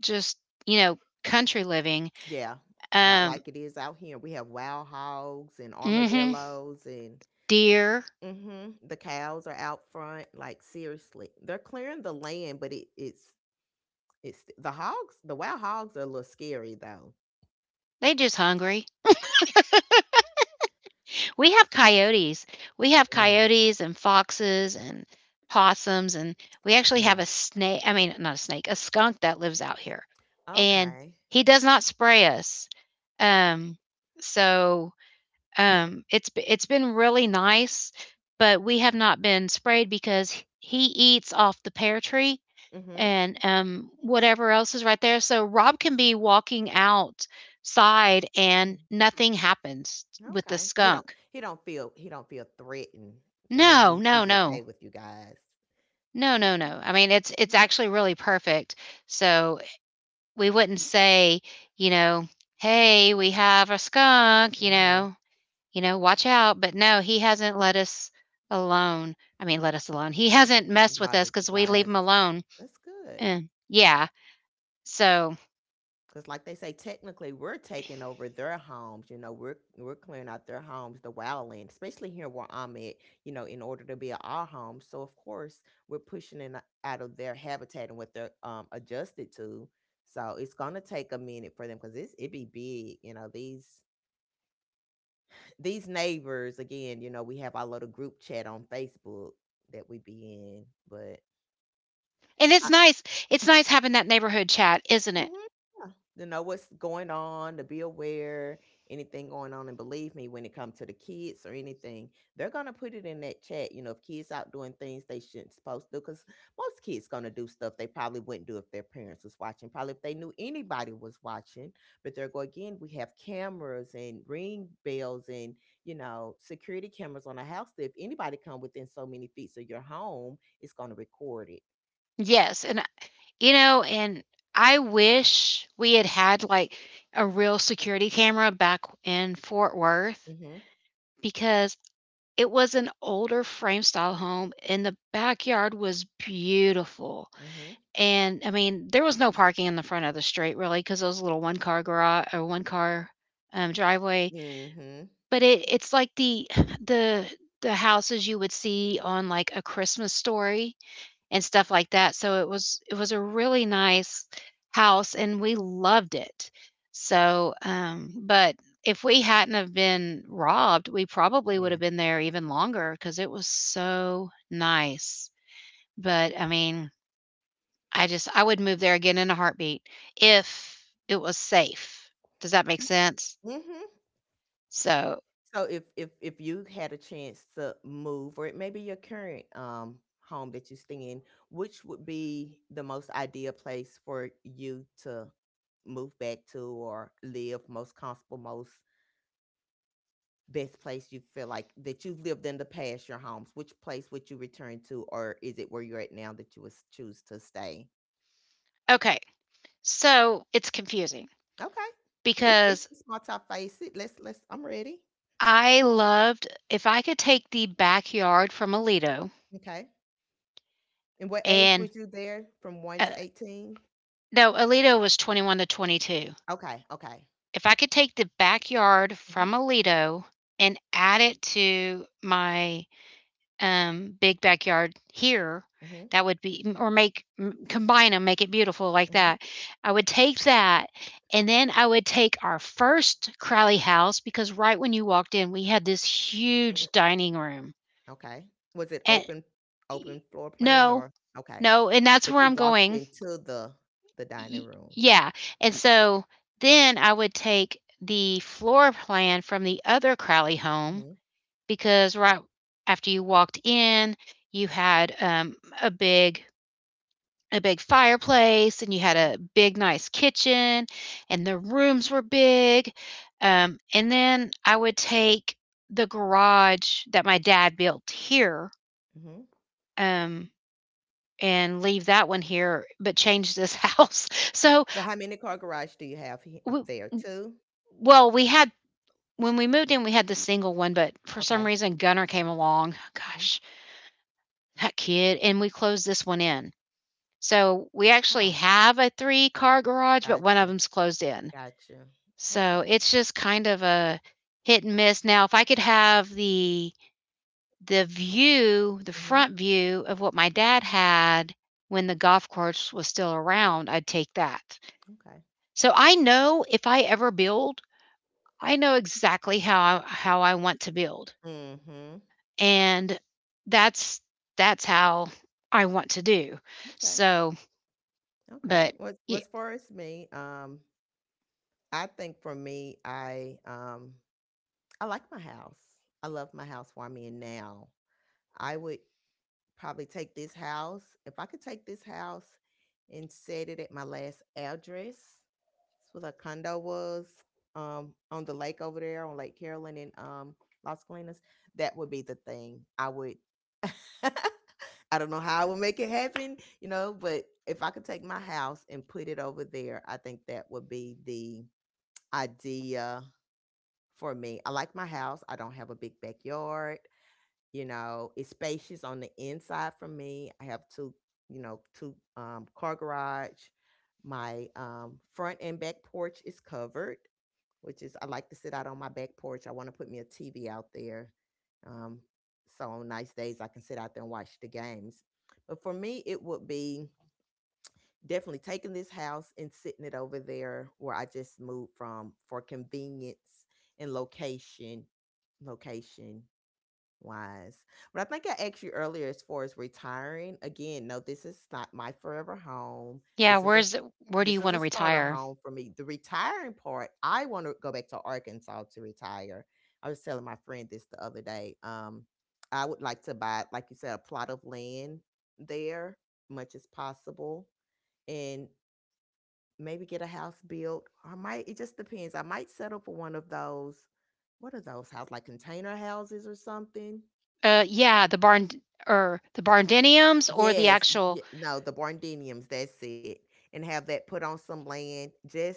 Speaker 1: just, you know, country living.
Speaker 2: Yeah, about
Speaker 1: Um
Speaker 2: like it is out here. We have wild hogs and
Speaker 1: mhm.
Speaker 2: armadillos and,
Speaker 1: Deer.
Speaker 2: mhm, the cows are out front, like seriously. They're clearing the land, but it's it's the hogs, the wild hogs are a little scary though.
Speaker 1: They just hungry. We have coyotes. We have
Speaker 2: Ugh,
Speaker 1: coyotes and foxes and possums, and we actually have
Speaker 2: yeah.
Speaker 1: a snake, I mean not a snake, a skunk that lives out here. And
Speaker 2: Okay.
Speaker 1: he does not spray us. Um so it's been really nice, but we have not been sprayed because he eats off the pear tree
Speaker 2: Mhm.
Speaker 1: and whatever else is right there. So Rob can be walking outside
Speaker 2: Mm.
Speaker 1: and nothing happens with the
Speaker 2: Okay. He don't
Speaker 1: skunk.
Speaker 2: he don't feel he don't feel threatened. I mean,
Speaker 1: no,
Speaker 2: he's
Speaker 1: no,
Speaker 2: he's okay
Speaker 1: no.
Speaker 2: with you guys.
Speaker 1: No, no,
Speaker 2: Okay.
Speaker 1: no. I mean, it's
Speaker 2: Mhm.
Speaker 1: actually really perfect. So we wouldn't say, you know, "Hey, we have a skunk,"
Speaker 2: Mhm.
Speaker 1: you know, "Watch out." But no, he hasn't let us alone. I mean, let us alone. He hasn't messed with us
Speaker 2: Bothered you
Speaker 1: because we leave
Speaker 2: guys.
Speaker 1: him alone.
Speaker 2: That's good.
Speaker 1: And yeah. So
Speaker 2: Because, like they say, technically we're taking over their homes. You know, we're clearing out their homes, the wildland, especially here where I'm at. You know, in order to be at our homes, so of course we're pushing it out of their habitat and what they're adjusted to. So it's gonna take a minute for them because it's, it be big. You know, these neighbors again. You know, we have our little group chat on Facebook that we be in, but
Speaker 1: and it's nice having that neighborhood chat, isn't it?
Speaker 2: mhm, yeah. To know what's going on, to be aware, anything going on, and believe me, when it comes to the kids or anything, they're gonna put it in that chat. You know, if kids out doing things they shouldn't supposed to, because most kids gonna do stuff they probably wouldn't do if their parents was watching, probably if they knew anybody was watching. But they're going, again, we have cameras and ring bells and you know security cameras on a house, that if anybody come within so many feet of your home, it's gonna record it.
Speaker 1: Yes, and You know, and I wish we had had like a real security camera back in Fort Worth
Speaker 2: Mhm.
Speaker 1: because it was an older frame style home, and the backyard was beautiful.
Speaker 2: Mhm.
Speaker 1: And I mean, there was no parking in the front of the street really because it was a little one car garage, or one car driveway.
Speaker 2: Mhm.
Speaker 1: But it's like the the the houses you would see on like a Christmas story and stuff like that. So it was a really nice house, and we loved it. So, but if we hadn't have been robbed, we probably would
Speaker 2: Yeah.
Speaker 1: have been there even longer because it was so nice. But I mean, I just I would move there again in a heartbeat if it was safe. Does that make sense?
Speaker 2: Mhm.
Speaker 1: So,
Speaker 2: So if you had a chance to move, or it may be your current home that you stay in, which would be the most ideal place for you to move back to or live most comfortable, most best place you feel like that you've lived in the past, your homes? Which place would you return to, or is it where you're at now that you would choose to stay?
Speaker 1: okay. So, it's confusing
Speaker 2: Okay, it's it's,
Speaker 1: because
Speaker 2: it's multifaceted. It. Let's let's. I'm ready.
Speaker 1: I loved if I could take the backyard from Alito
Speaker 2: Okay. And what age
Speaker 1: and
Speaker 2: was you there, from one
Speaker 1: Uh,
Speaker 2: to eighteen?
Speaker 1: no, Alito was 21 to 22.
Speaker 2: Okay. Okay.
Speaker 1: If I could take the backyard
Speaker 2: Mhm,
Speaker 1: from Alito and add it to my, big backyard here,
Speaker 2: mhm,
Speaker 1: that would be or make combine them, make it beautiful like
Speaker 2: mhm.
Speaker 1: that. I would take that, and then I would take our first Crowley house, because right when you walked in, we had this huge dining room,
Speaker 2: Okay. Was it
Speaker 1: and
Speaker 2: open, open floor plan,
Speaker 1: no,
Speaker 2: or okay.
Speaker 1: no, and that's
Speaker 2: But
Speaker 1: where
Speaker 2: you
Speaker 1: I'm
Speaker 2: walked
Speaker 1: going.
Speaker 2: into the dining
Speaker 1: Y-
Speaker 2: room.
Speaker 1: yeah. And
Speaker 2: Gotcha.
Speaker 1: so then I would take the floor plan from the other Crowley home,
Speaker 2: Mhm,
Speaker 1: because right after you walked in, you had a big fireplace, and you had
Speaker 2: mhm,
Speaker 1: a big nice kitchen, and the rooms were big. And then I would take the garage that my dad built here,
Speaker 2: mhm.
Speaker 1: um, and leave that one here, but change this house. So,
Speaker 2: But how many car garage do you have
Speaker 1: we,
Speaker 2: there? Two?
Speaker 1: well, we had when we moved in, we had the single one, but for some
Speaker 2: Okay.
Speaker 1: reason, Gunner came along.
Speaker 2: Mhm.
Speaker 1: Gosh, that kid. And we closed this one in. So we actually
Speaker 2: Oh,
Speaker 1: have a three car garage, but one of
Speaker 2: gotcha.
Speaker 1: them's closed in.
Speaker 2: Gotcha.
Speaker 1: So
Speaker 2: Okay.
Speaker 1: it's just kind of a hit and miss. Now, if I could have the view, the
Speaker 2: Mhm.
Speaker 1: front view of what my dad had when the golf course was still around, I'd take that.
Speaker 2: Okay.
Speaker 1: So I know if I ever build, I know exactly how I want to build.
Speaker 2: Mhm.
Speaker 1: And that's that's how I want to do.
Speaker 2: Okay.
Speaker 1: So,
Speaker 2: Okay.
Speaker 1: but
Speaker 2: What
Speaker 1: y-
Speaker 2: what's, for as me, I think for me I like my house. I love my house where I'm in now. I would probably take this house. If I could take this house and set it at my last address, that's what a condo was on the lake over there on Lake Carolyn in Las Colinas. That would be the thing. I would. I don't know how I would make it happen, you know, but if I could take my house and put it over there, I think that would be the idea for me. I like my house. I don't have a big backyard. You know, it's spacious on the inside for me. I have two, you know, two car garage. My front and back porch is covered, which is, I like to sit out on my back porch. I want to put me a TV out there, um, so on nice days I can sit out there and watch the games. But for me, it would be definitely taking this house and sitting it over there where I just moved from for convenience and location wise. But I think I asked you earlier as far as retiring. Again, no, this is not my forever home.
Speaker 1: yeah,
Speaker 2: This is a
Speaker 1: where's where do you
Speaker 2: this is
Speaker 1: want
Speaker 2: a
Speaker 1: to
Speaker 2: starter
Speaker 1: retire?
Speaker 2: home for me. The retiring part, I want to go back to Arkansas to retire. I was telling my friend this the other day. I would like to buy, like you said, a plot of land there, much as possible, and maybe get a house built. I might. It just depends. I might settle for one of those. What are those houses? Like container houses or something.
Speaker 1: Yeah, the barn or the barn deniums or the
Speaker 2: Yes,
Speaker 1: actual.
Speaker 2: y no, the Bardeniums, that's it, and have that put on some land. Just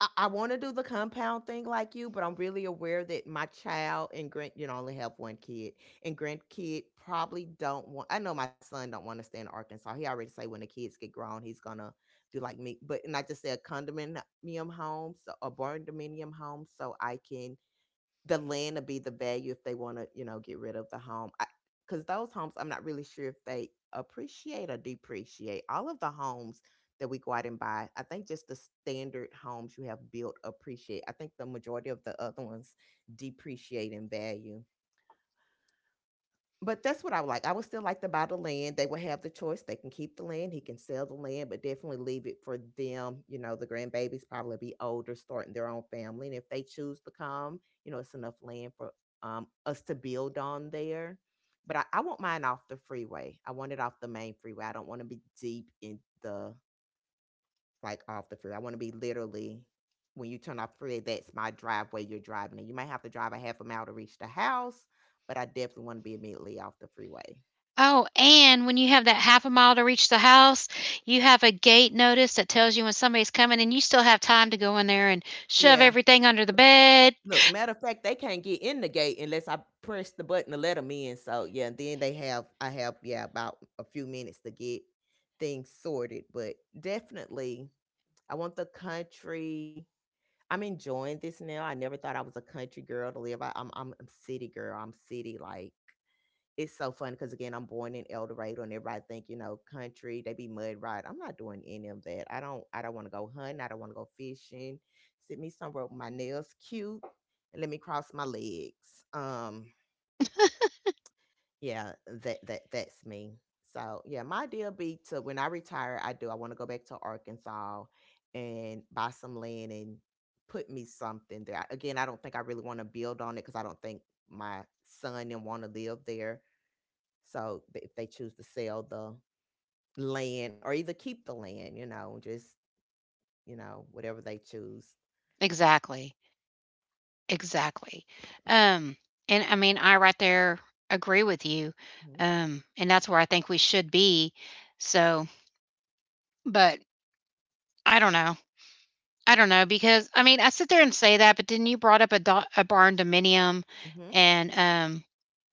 Speaker 2: I wanna do the compound thing like you, but I'm really aware that my child and I only have one kid, and grandkid probably don't want. I know my son don't wanna stay in Arkansas. He already say when the kids get grown, he's gonna do like me, but and I just say a condominium home, so a barn dominium home, so I can. The land would be the value if they want to, you know, get rid of the home. Because those homes, I'm not really sure if they appreciate or depreciate. All of the homes that we go out and buy, I think just the standard homes you have built appreciate. I think the majority of the other ones depreciate in value. But that's what I would like. I would still like to buy the land. They would have the choice. They can keep the land. He can sell the land, but definitely leave it for them. You know, the grandbabies probably be older, starting their own family. And if they choose to come, you know, it's enough land for us to build on there. But I want mine off the freeway. I want it off the main freeway. I don't want to be deep in the, like, off the freeway. I want to be literally when you turn off freeway, that's my driveway you're driving in. You might have to drive a half a mile to reach the house, but I definitely want to be immediately off the freeway.
Speaker 1: Oh, and when you have that half a mile to reach the house, you have a gate notice that tells you when somebody's coming, and you still have time to go in there and shove
Speaker 2: Yeah.
Speaker 1: everything under the bed.
Speaker 2: Look, matter of fact, they can't get in the gate unless I press the button to let them in. So yeah, then they have I have yeah about a few minutes to get things sorted. But definitely, I want the country. I'm enjoying this now. I never thought I was a country girl to live. I'm a city girl. I'm city like it's so fun because again, I'm born in El Dorado, and everybody think you know country. They be mud ride. I'm not doing any of that. I don't. I don't want to go hunting. I don't want to go fishing. Sit me somewhere with my nails cute, and let me cross my legs. Yeah, that's me. So yeah, my idea be to when I retire, I do. I want to go back to Arkansas and buy some land and put me something there. Again, I don't think I really want to build on it because I don't think my son and want to live there, so if they choose to sell the land or either keep the land, you know, just you know whatever they choose.
Speaker 1: Exactly. Exactly. Um, and I mean, I right there agree with you. And that's where I think we should be. So, but I don't know. I don't know because, I mean, I sit there and say that, but then you brought up a do a barn dominium,
Speaker 2: Mm-hmm.
Speaker 1: and,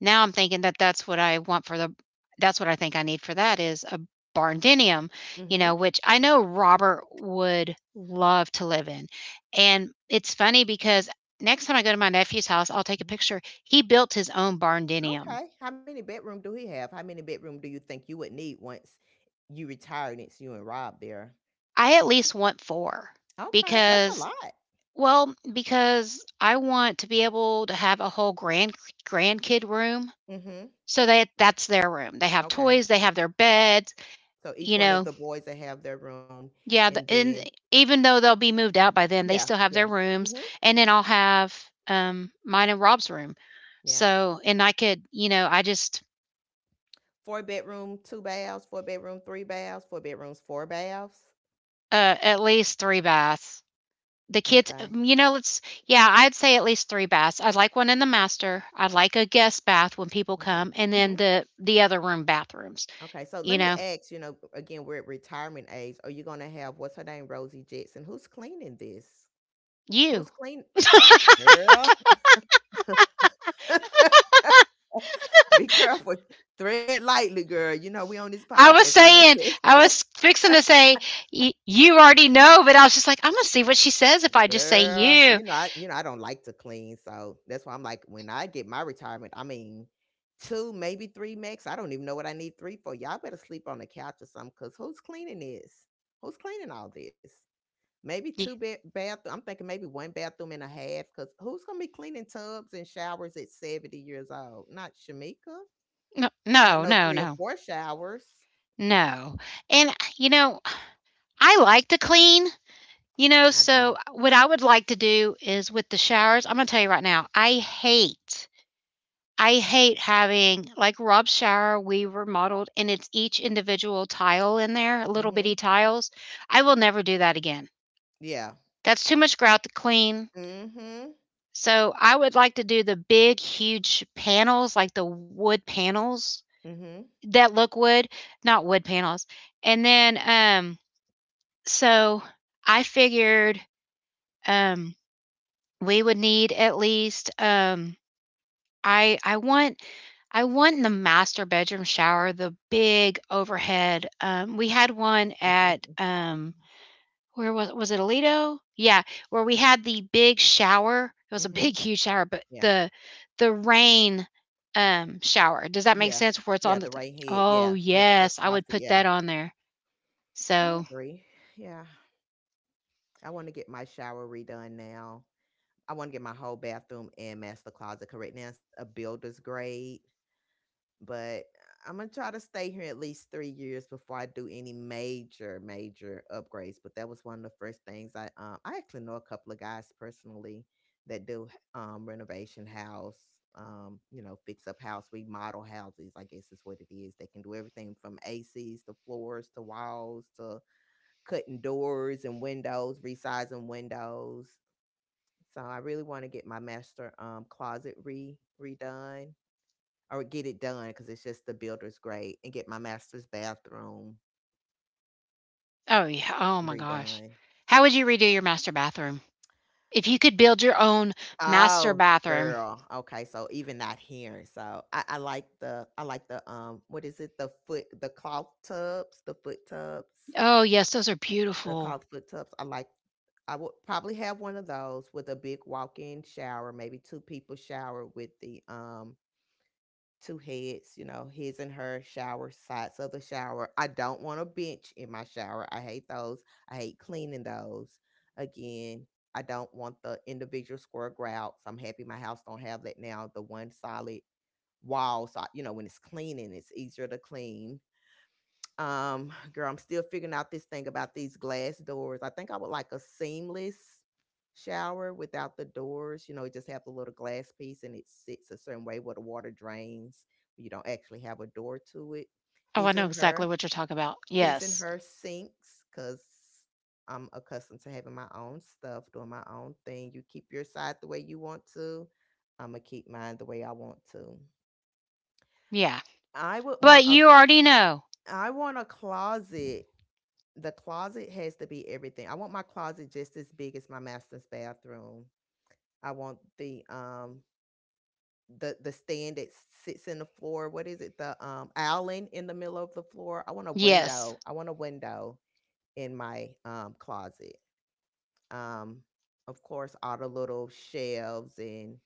Speaker 1: now I'm thinking that that's what I think I need for that is a barndenium, you
Speaker 2: Mm-hmm.
Speaker 1: know, which I know Robert would love to live in. And it's funny because next time I go to my nephew's house, I'll take a picture. He built his own barndenium.
Speaker 2: Okay. How many bedroom do he have? How many bedroom do you think you would need once you retire and it's you and Rob there?
Speaker 1: I at least want 4,
Speaker 2: Okay, that's a
Speaker 1: because
Speaker 2: lot.
Speaker 1: well, because I want to be able to have a whole grandkid room.
Speaker 2: Mm-hmm.
Speaker 1: So that that's their room. They have
Speaker 2: Okay.
Speaker 1: toys, they have their beds,
Speaker 2: So each
Speaker 1: you
Speaker 2: one of
Speaker 1: know.
Speaker 2: the boys that have their room,
Speaker 1: Yeah,
Speaker 2: and
Speaker 1: the, and
Speaker 2: then
Speaker 1: even though they'll be moved out by then, they
Speaker 2: yeah,
Speaker 1: still have
Speaker 2: yeah.
Speaker 1: their rooms,
Speaker 2: Mm-hmm.
Speaker 1: and then I'll have mine and Rob's room.
Speaker 2: Yeah.
Speaker 1: So, and I could, you know, I just
Speaker 2: Four bedroom, two baths. Four bedroom, three baths. Four bedrooms, four baths.
Speaker 1: at least 3 baths. The kids,
Speaker 2: Okay.
Speaker 1: you know, let's yeah, I'd say at least 3 baths. I'd like one in the master. I'd like a guest bath when people
Speaker 2: Okay.
Speaker 1: come, and then
Speaker 2: Mm-hmm.
Speaker 1: the other room bathrooms,
Speaker 2: Okay, so let
Speaker 1: you
Speaker 2: me
Speaker 1: know.
Speaker 2: ask, you know, again, we're at retirement age. Are you gonna have what's her name, Rosie Jetson? Who's cleaning this?
Speaker 1: You
Speaker 2: Who's clean? Girl, be careful. Thread lightly, girl. You know, we on this
Speaker 1: I
Speaker 2: podcast.
Speaker 1: was
Speaker 2: I'm gonna
Speaker 1: saying, I
Speaker 2: say,
Speaker 1: was fixing to say, you already know, but I was just like, I'm going to see what she says if I just say
Speaker 2: girl,
Speaker 1: you.
Speaker 2: you know, I don't like to clean, so that's why I'm like, when I get my retirement, I mean, two, maybe three max. I don't even know what I need three for. Y'all better sleep on the couch or something, cause who's cleaning this? Who's cleaning all this? Maybe two
Speaker 1: Y-
Speaker 2: bed bathroom. I'm thinking maybe one bathroom and a half. Cause who's gonna be cleaning tubs and showers at 70 years old? Not Shamika.
Speaker 1: No,
Speaker 2: Not
Speaker 1: no,
Speaker 2: no
Speaker 1: no,
Speaker 2: three or
Speaker 1: no,
Speaker 2: four showers.
Speaker 1: no. And, you know, I like to clean, you know,
Speaker 2: I
Speaker 1: so
Speaker 2: don't.
Speaker 1: what I would like to do is with the showers, I'm going to tell you right now, I hate. I hate having like Rob's shower. We remodeled, and it's each individual tile in there, little bitty
Speaker 2: Mm-hmm.
Speaker 1: tiles. I will never do that again.
Speaker 2: Yeah.
Speaker 1: That's too much grout to clean.
Speaker 2: Mm-hmm.
Speaker 1: So I would like to do the big, huge panels, like the wood panels
Speaker 2: Mm-hmm.
Speaker 1: that look wood, not wood panels. And then, so I figured um, we would need at least I want I want in the master bedroom shower the big overhead. We had one at where was it Alito? Yeah, where we had the big shower. It was a
Speaker 2: Mm-hmm.
Speaker 1: big, huge shower, but
Speaker 2: Yeah.
Speaker 1: the rain shower. Does that make
Speaker 2: Yeah.
Speaker 1: sense? Where it's
Speaker 2: Yeah.
Speaker 1: on the
Speaker 2: The right head.
Speaker 1: Oh
Speaker 2: Yeah. The
Speaker 1: yes, I would
Speaker 2: faucet.
Speaker 1: put
Speaker 2: Yeah.
Speaker 1: that on there.
Speaker 2: I
Speaker 1: So
Speaker 2: agree. Yeah. I want to get my shower redone now. I want to get my whole bathroom and master closet correct. Now it's a builder's grade. But I'm gonna try to stay here at least 3 years before I do any major, major upgrades. But that was one of the first things I I actually know a couple of guys personally that do renovation house, you know, fix up house, remodel houses, I guess is what it is. They can do everything from ACs to floors to walls to cutting doors and windows, resizing windows. So I really want to get my master closet re redone or get it done because it's just the builder's great and get my master's bathroom
Speaker 1: oh yeah, oh my gosh.
Speaker 2: redone.
Speaker 1: How would you redo your master bathroom? If you could build your own master
Speaker 2: Oh,
Speaker 1: bathroom.
Speaker 2: girl. Okay, so even not hearing. So I like the what is it? The cloth tubs,
Speaker 1: Oh yes, those are
Speaker 2: the
Speaker 1: beautiful.
Speaker 2: cloth foot tubs. I would probably have one of those with a big walk-in shower, maybe two people shower with the two heads, you know, his and her shower, sides of the shower. I don't want a bench in my shower. I hate those. I hate cleaning those. Again, I don't want the individual square grouts. I'm happy my house don't have that now. The one solid wall, so you know, when it's cleaning, it's easier to clean. Girl, I'm still figuring out this thing about these glass doors. I think I would like a seamless shower without the doors. You know, it just have the little glass piece and it sits a certain way where the water drains. You don't actually have a door to it.
Speaker 1: Oh, I
Speaker 2: His
Speaker 1: know
Speaker 2: and
Speaker 1: exactly
Speaker 2: her,
Speaker 1: what you're talking about.
Speaker 2: his and
Speaker 1: Yes.
Speaker 2: her sinks, because I'm accustomed to having my own stuff, doing my own thing. You keep your side the way you want to. I'm gonna keep mine the way I want to.
Speaker 1: Yeah.
Speaker 2: I would want
Speaker 1: But
Speaker 2: a
Speaker 1: you already know.
Speaker 2: I want a closet. The closet has to be everything. I want my closet just as big as my master's bathroom. I want the the stand that sits in the floor. What is it? The island in the middle of the floor. I want a
Speaker 1: Yes.
Speaker 2: window. I want a window in my closet. Um of course all the little shelves, and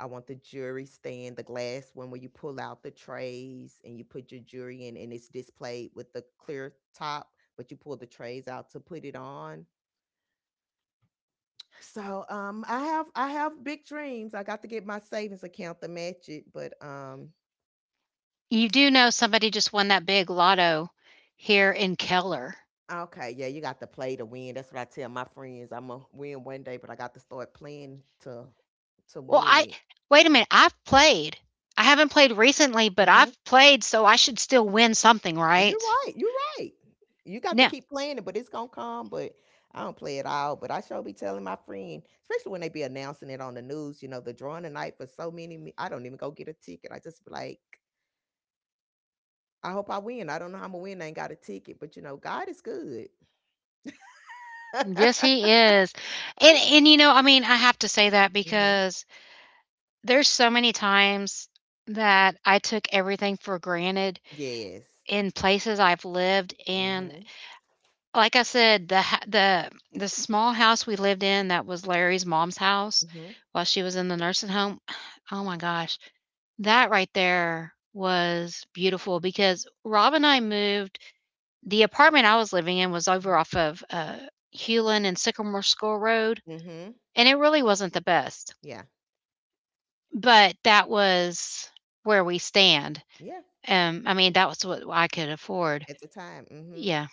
Speaker 2: I want the jewelry stand, the glass one where you pull out the trays and you put your jewelry in and it's displayed with the clear top, but you pull the trays out to put it on. So, I have big dreams. I got to get my savings account to match it, but
Speaker 1: You do know somebody just won that big lotto here in Keller.
Speaker 2: okay, yeah, you got to play to win. That's what I tell my friends. I'm gonna win one day, but I got to start playing to
Speaker 1: Well,
Speaker 2: win
Speaker 1: I
Speaker 2: it.
Speaker 1: wait a minute. I've played. I haven't played recently, but
Speaker 2: Hmm.
Speaker 1: I've played, so I should still win something,
Speaker 2: You're
Speaker 1: right?
Speaker 2: right. You're right. You got to
Speaker 1: No.
Speaker 2: keep playing it, but it's gonna come. But I don't play it out. But I sure be telling my friend, especially when they be announcing it on the news. You know, the drawing tonight for so many. I don't even go get a ticket. I just be like, I hope I win. I don't know how I'm gonna win. I ain't got a ticket, but you know, God is good.
Speaker 1: Yes, he is. And you know, I mean, I have to say that
Speaker 2: Hmm.
Speaker 1: because there's so many times that I took everything for granted
Speaker 2: Yes.
Speaker 1: in places I've lived and
Speaker 2: Hmm.
Speaker 1: like I said, the ha the small house we lived in that was Larry's mom's house
Speaker 2: Mm. Hmm.
Speaker 1: while she was in the nursing home. Oh my gosh, that right there was beautiful because Rob and I moved the apartment I was living in was over off of, Hulen and Sycamore School Road,
Speaker 2: Mm. Hmm.
Speaker 1: and it really wasn't the best,
Speaker 2: Yeah.
Speaker 1: but that was where we stand.
Speaker 2: Yeah.
Speaker 1: Um, I mean, that was what I could afford.
Speaker 2: At the time. Mm. Hmm.
Speaker 1: Yeah,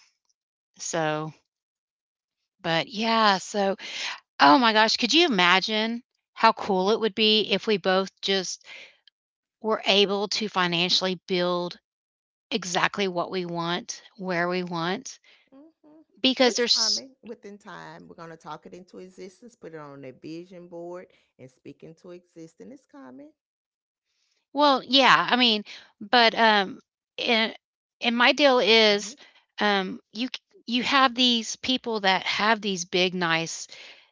Speaker 1: so but yeah, so oh my gosh, could you imagine how cool it would be if we both just were able to financially build exactly what we want, where we want?
Speaker 2: Mm. Hmm.
Speaker 1: Because
Speaker 2: It's
Speaker 1: there's
Speaker 2: coming within time. We're gonna talk it into existence, put it on a vision board and speak into existence. It's coming.
Speaker 1: well, yeah, I mean, but and and my deal is
Speaker 2: Mm.
Speaker 1: you you have these people that have these big nice,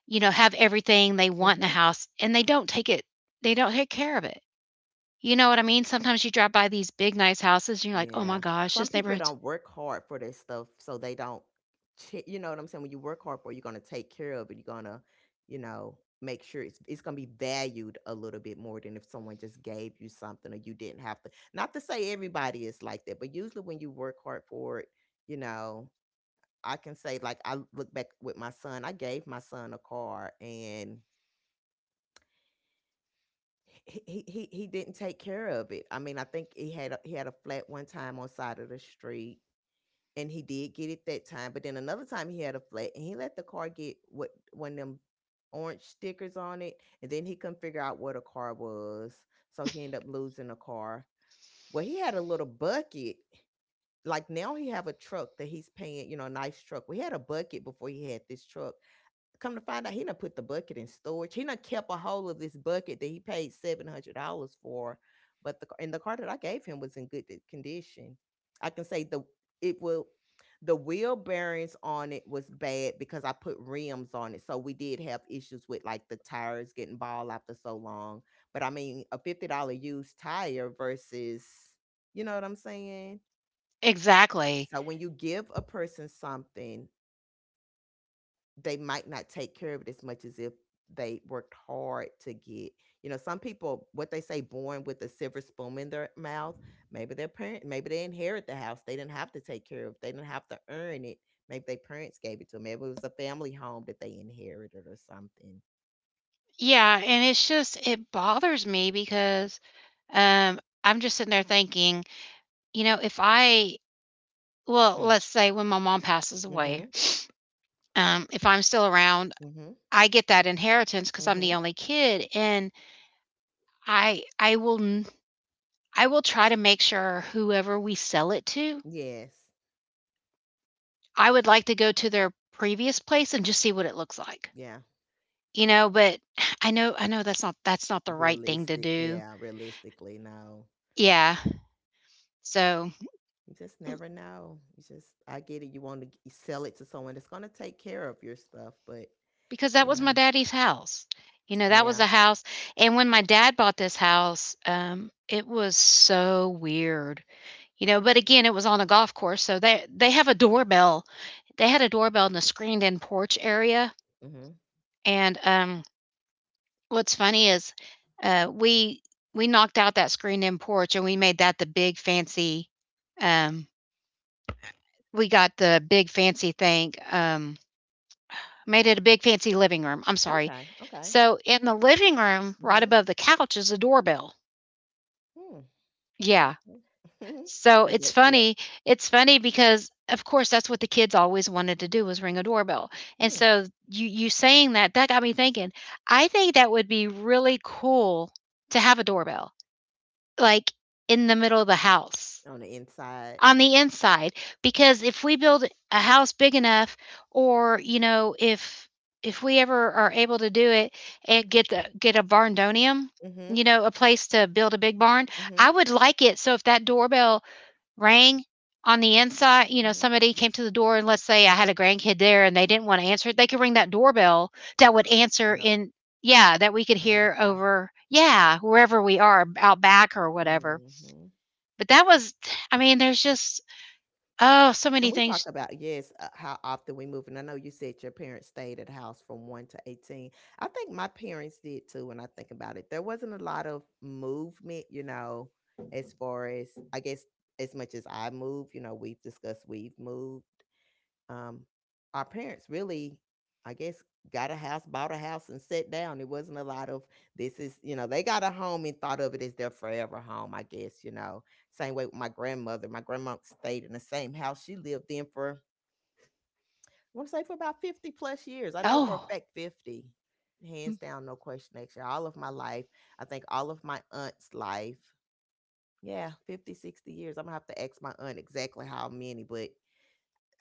Speaker 1: you know, have everything they want in the
Speaker 2: Hmm.
Speaker 1: house and they don't take it they don't take care of it. You know what I mean? Sometimes you drive by these big nice houses and you're like, "Oh my
Speaker 2: Yeah.
Speaker 1: gosh,
Speaker 2: Some
Speaker 1: this
Speaker 2: people
Speaker 1: neighborhood"
Speaker 2: don't work hard for their stuff, so they don't, you know what I'm saying? When you work hard for it, you're going to take care of it. You're going to, you know, make sure it's going to be valued a little bit more than if someone just gave you something or you didn't have to. Not to say everybody is like that, but usually when you work hard for it, you know, I can say, like, I look back with my son, I gave my son a car, and he didn't take care of it. I mean, I think he had a flat one time on side of the street, and he did get it that time. But then another time he had a flat, and he let the car get what one of them orange stickers on it, and then he couldn't figure out what a car was, so he ended up losing a car. Well, he had a little bucket. Like now he have a truck that he's paying, a nice truck. We had a bucket before he had this truck. Come to find out, he done put the bucket in storage. He done kept a hold of this bucket that he paid $700 for, but the car that I gave him was in good condition. I can say it will the wheel bearings on it was bad because I put rims on it, so we did have issues with, like, the tires getting bald after so long. But I mean, a $50 used tire versus, you know what I'm saying?
Speaker 1: Exactly.
Speaker 2: So when you give a person something, they might not take care of it as much as if they worked hard to get. You know, some people, what they say, born with a silver spoon in their mouth. Maybe their parent, maybe they inherit the house. They didn't have to take care of it. They didn't have to earn it. Maybe their parents gave it to them. Maybe it was a family home that they inherited or something.
Speaker 1: Yeah, and it's just it bothers me because, I'm just sitting there thinking, you know, if I well,
Speaker 2: Hmm.
Speaker 1: let's say when my mom passes away,
Speaker 2: Mhm.
Speaker 1: if I'm still around,
Speaker 2: Mhm.
Speaker 1: I get that inheritance because 'cause I'm the
Speaker 2: Mhm.
Speaker 1: only kid, and I I will n I will try to make sure whoever we sell it to,
Speaker 2: Yes.
Speaker 1: I would like to go to their previous place and just see what it looks like,
Speaker 2: Yeah.
Speaker 1: you know, but I know that's not the right thing to
Speaker 2: Realistic.
Speaker 1: do.
Speaker 2: Yeah. Realistically, no.
Speaker 1: Yeah. So
Speaker 2: You just never know. You just, I get it. You want to sell it to someone that's going to take care of your stuff, but.
Speaker 1: because that
Speaker 2: You
Speaker 1: was
Speaker 2: know?
Speaker 1: my daddy's house. You know, that was
Speaker 2: Yeah.
Speaker 1: a house and when my dad bought this house, it was so weird, you know, but again, it was on a golf course, so they have a doorbell. They had a doorbell in a screened-in porch area,
Speaker 2: Mhm.
Speaker 1: and, what's funny is, uh, we we knocked out that screened-in porch, and we made that the big fancy, um we got the big fancy thing, made it a big fancy living room. I'm sorry.
Speaker 2: Okay, okay.
Speaker 1: So in the living room, right
Speaker 2: Mhm.
Speaker 1: above the couch is a doorbell.
Speaker 2: Hmm.
Speaker 1: Yeah.
Speaker 2: Mhm. 'Cause
Speaker 1: So it's
Speaker 2: that's it.
Speaker 1: funny. It's funny because of course that's what the kids always wanted to do was ring a doorbell. And
Speaker 2: Mm.
Speaker 1: so you saying that that got me thinking. I think that would be really cool to have a doorbell like in the middle of the house.
Speaker 2: On the inside.
Speaker 1: On the inside, because if we build a house big enough, or you know, if we ever are able to do it and get the get a barndonium, you
Speaker 2: Mhm.
Speaker 1: know, a place to build a big barn,
Speaker 2: Mhm.
Speaker 1: I would like it so if that doorbell rang on the inside, you know,
Speaker 2: Mhm.
Speaker 1: somebody came to the door, and let's say I had a grandkid there and they didn't want to answer it, they could ring that doorbell that would
Speaker 2: To
Speaker 1: answer
Speaker 2: no,
Speaker 1: in, yeah, that we could hear
Speaker 2: notify.
Speaker 1: over, yeah, wherever we are, out back or whatever.
Speaker 2: Mhm.
Speaker 1: But that was I mean there's just oh, so many
Speaker 2: And we talk
Speaker 1: things.
Speaker 2: about, yes, how often we move, and I know you said your parents stayed at the house from 1 to 18. I think my parents did too when I think about it. There wasn't a lot of movement, you know, as far as I guess, as much as I move. We've discussed, we've moved. um, our parents really, I guess, got a house, bought a house, and sat down. It wasn't a lot of this. Is, you know, they got a home and thought of it as their forever home, I guess. Same way with my grandmother. My grandma stayed in the same house she lived in for, I want to say for about 50 plus years. I know for a
Speaker 1: Oh,
Speaker 2: fact 50, hands
Speaker 1: m
Speaker 2: down, no question, actually. All of my life, I think all of my aunt's life. Yeah, 50, 60 years. I'm going to have to ask my aunt exactly how many, but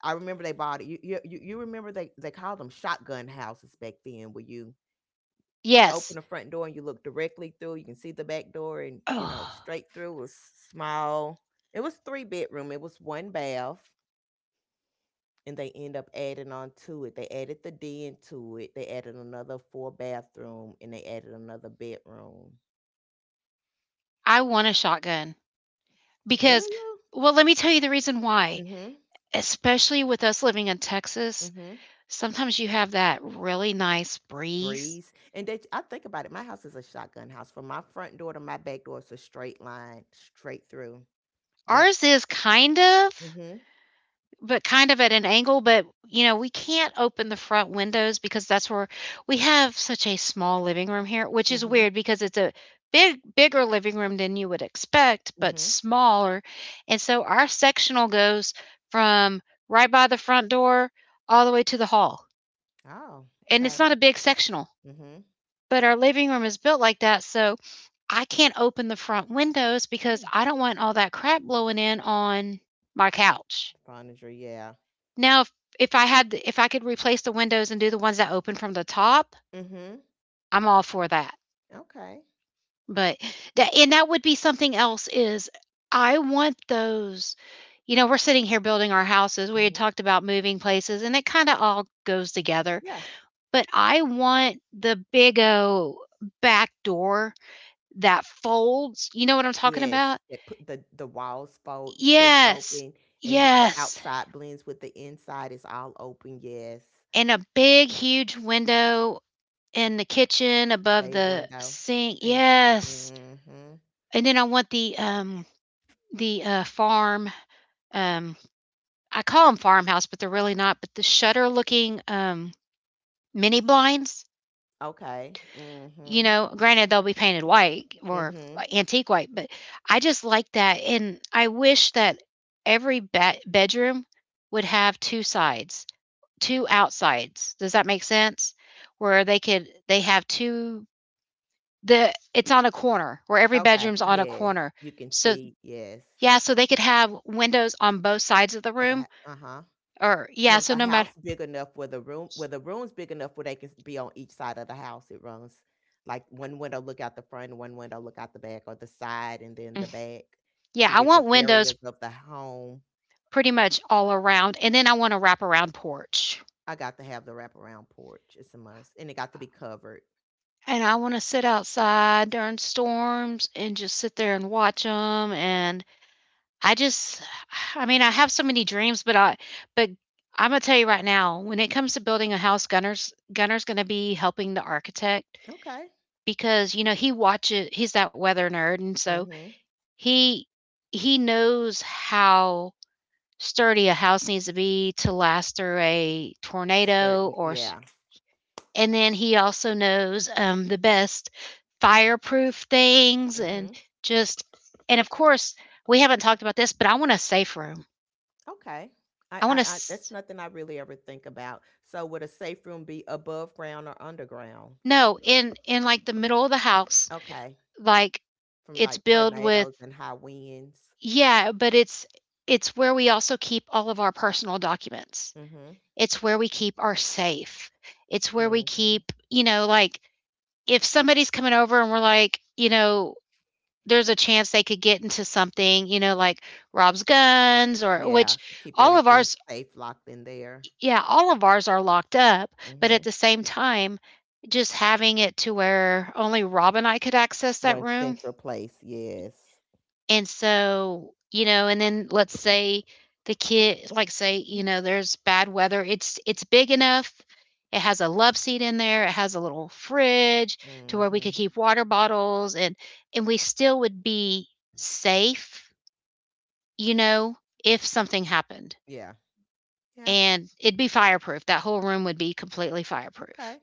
Speaker 2: I remember they bought it. You remember they called them shotgun houses back then, where you open
Speaker 1: yes.
Speaker 2: the front door and you look directly through. You can see the back door, and you know
Speaker 1: Oh,
Speaker 2: straight through. It was small. It was three bedroom. It was one bath, and they end up adding on to it. They added the den to it. They added another four bathroom, and they added another bedroom.
Speaker 1: I want a shotgun
Speaker 2: Do
Speaker 1: because
Speaker 2: you?
Speaker 1: well, let me tell you the reason why.
Speaker 2: Mhm.
Speaker 1: Especially with us living in Texas,
Speaker 2: Mhm.
Speaker 1: sometimes you have that really nice breeze.
Speaker 2: Breeze. And that I think about it. My house is a shotgun house. From my front door to my back door, it's a straight line, straight through. Yep.
Speaker 1: Ours is kind of
Speaker 2: Mhm.
Speaker 1: but kind of at an angle, but you know, we can't open the front windows because that's where we have such a small living room here, which is
Speaker 2: Mhm.
Speaker 1: weird because it's a bigger living room than you would expect, but
Speaker 2: Mhm.
Speaker 1: smaller. And so our sectional goes from right by the front door all the way to the hall.
Speaker 2: Oh,
Speaker 1: And it's
Speaker 2: okay.
Speaker 1: not a big sectional,
Speaker 2: Mhm.
Speaker 1: but our living room is built like that, so I can't open the front windows because
Speaker 2: Mm.
Speaker 1: I don't want all that crap blowing in on my couch.
Speaker 2: Furniture, yeah.
Speaker 1: Now if I had if I could replace the windows and do the ones that open from the top,
Speaker 2: Mhm.
Speaker 1: I'm all for that.
Speaker 2: Okay.
Speaker 1: But that and that would be something else is I want those, you know, we're sitting here building our houses. We had
Speaker 2: Mhm.
Speaker 1: talked about moving places and it kind of all goes together.
Speaker 2: Yeah.
Speaker 1: But I want the big O back door that folds. You know what I'm talking
Speaker 2: Yes.
Speaker 1: about?
Speaker 2: That put the walls fold, push
Speaker 1: Yes.
Speaker 2: open, and you, the
Speaker 1: Yes.
Speaker 2: outside blends with the inside. It's all open. Yes.
Speaker 1: And a big, huge window in the kitchen above
Speaker 2: Bay
Speaker 1: the
Speaker 2: window,
Speaker 1: sink.
Speaker 2: sink.
Speaker 1: Yes.
Speaker 2: Mhm.
Speaker 1: And then I want the farm um I call them farmhouse, but they're really not, but the shutter looking mini blinds,
Speaker 2: Okay.
Speaker 1: you
Speaker 2: Mhm.
Speaker 1: know, granted they'll be painted white or
Speaker 2: Mhm.
Speaker 1: antique white, but I just like that and I wish that every bedroom would have two sides, two outsides. Does that make sense? Where they could they have two the it's on a corner where every
Speaker 2: Okay.
Speaker 1: bedroom's on a
Speaker 2: Yes.
Speaker 1: corner.
Speaker 2: You can
Speaker 1: So
Speaker 2: see. Yes.
Speaker 1: yeah, so they could have windows on both sides of the room
Speaker 2: Uh huh.
Speaker 1: or
Speaker 2: You
Speaker 1: yeah,
Speaker 2: want
Speaker 1: so
Speaker 2: the
Speaker 1: no matter
Speaker 2: house big enough where the room's big enough where they can be on each side of the house. It runs like one window look out the front, and one window look out the back, or the side and then the
Speaker 1: mm,
Speaker 2: back,
Speaker 1: yeah,
Speaker 2: two
Speaker 1: I want
Speaker 2: different
Speaker 1: windows
Speaker 2: areas of the home.
Speaker 1: pretty much all around and then I want a wraparound porch.
Speaker 2: I got to have the wraparound porch. It's a must, and it got to be covered.
Speaker 1: And I want to sit outside during storms and just sit there and watch them. And I just I mean, I have so many dreams, but but I'm gonna tell you right now, when it comes to building a house, Gunner's gonna be helping the architect
Speaker 2: Okay.
Speaker 1: because, you know, he's that weather nerd, and so
Speaker 2: Mm-hmm.
Speaker 1: he he knows how sturdy a house needs to be to last through a tornado
Speaker 2: Certain.
Speaker 1: or s
Speaker 2: Yeah.
Speaker 1: and then he also knows, the best fireproof things
Speaker 2: Mm-hmm.
Speaker 1: just and of course, we haven't talked about this, but I want a safe room.
Speaker 2: Okay.
Speaker 1: I want a
Speaker 2: I. That's
Speaker 1: s
Speaker 2: nothing I really ever think about. So, would a safe room be above ground or underground?
Speaker 1: No, in, like, the middle of the house,
Speaker 2: Okay.
Speaker 1: like,
Speaker 2: From
Speaker 1: it's
Speaker 2: like
Speaker 1: built with
Speaker 2: tornadoes and high winds.
Speaker 1: yeah, but it's where we also keep all of our personal documents.
Speaker 2: Mhm.
Speaker 1: It's where we keep our safe. It's where we
Speaker 2: Mhm.
Speaker 1: keep, like, if somebody's coming over and we're like, there's a chance they could get into something, like Rob's guns or
Speaker 2: Yeah,
Speaker 1: which
Speaker 2: keep
Speaker 1: all of
Speaker 2: everything
Speaker 1: ours.
Speaker 2: safe locked in there.
Speaker 1: Yeah, all of ours are locked up, but at
Speaker 2: Mhm.
Speaker 1: the same time, just having it to where only Rob and I could access that
Speaker 2: One
Speaker 1: room.
Speaker 2: central place, yes.
Speaker 1: And so, and then let's say the kid, like, say, there's bad weather. It's big enough. It has a love seat in there. It has a little fridge to where we could
Speaker 2: Mhm.
Speaker 1: keep water bottles, and we still would be safe, you know, if something happened.
Speaker 2: Yeah. Yeah.
Speaker 1: And it'd be fireproof. That whole room would be completely fireproof.
Speaker 2: Okay.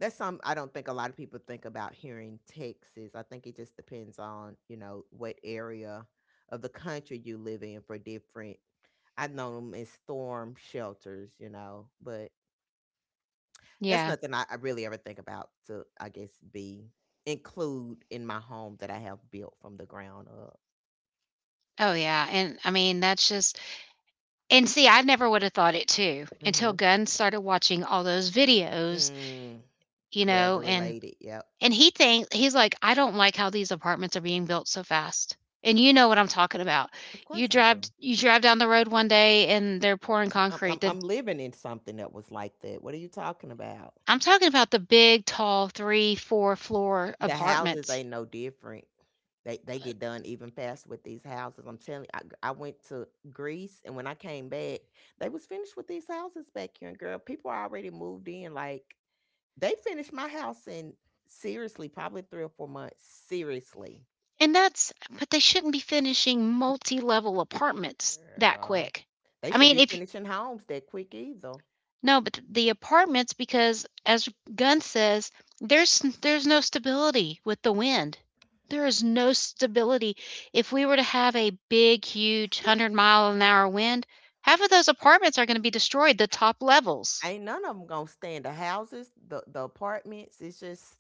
Speaker 2: That's some I don't think a lot of people think about here in Texas. I think it just depends on, you know, what area of the country you live in for different. I've known them as storm shelters, you know, but that's
Speaker 1: Yeah.
Speaker 2: nothing I really ever think about to, I guess, be include in my home that I have built from the ground up.
Speaker 1: Oh yeah. And I mean, that's just and see, I never would have thought it too until
Speaker 2: Mhm.
Speaker 1: Gunn started watching all those videos.
Speaker 2: Mm.
Speaker 1: You know,
Speaker 2: Weather related, yep.
Speaker 1: and he thinks, he's like, "I don't like how these apartments are being built so fast." And you know what I'm talking about.
Speaker 2: Of course I do.
Speaker 1: You drive down the road one day and they're pouring
Speaker 2: I'm
Speaker 1: concrete,
Speaker 2: I'm
Speaker 1: then
Speaker 2: I'm living in something that was like that. What are you talking about?
Speaker 1: I'm talking about the big, tall 3, 4 floor
Speaker 2: The houses
Speaker 1: apartments.
Speaker 2: ain't no different. They get done even faster with these houses. I'm telling you, I went to Greece, and when I came back, they was finished with these houses back here. And girl, people are already moved in. Like they finished my house in, seriously, probably 3 or 4 months. Seriously.
Speaker 1: And that's But they shouldn't be finishing multi-level apartments that
Speaker 2: Girl.
Speaker 1: quick.
Speaker 2: They
Speaker 1: I
Speaker 2: shouldn't
Speaker 1: mean,
Speaker 2: be
Speaker 1: if
Speaker 2: finishing homes that quick either.
Speaker 1: No, but the apartments, because as Gunn says, there's no stability with the wind. There is no stability. If we were to have a big, huge 100-mile an hour wind, half of those apartments are going to be destroyed, the top levels.
Speaker 2: Ain't none of them 'em gonna stand, the houses, the apartments,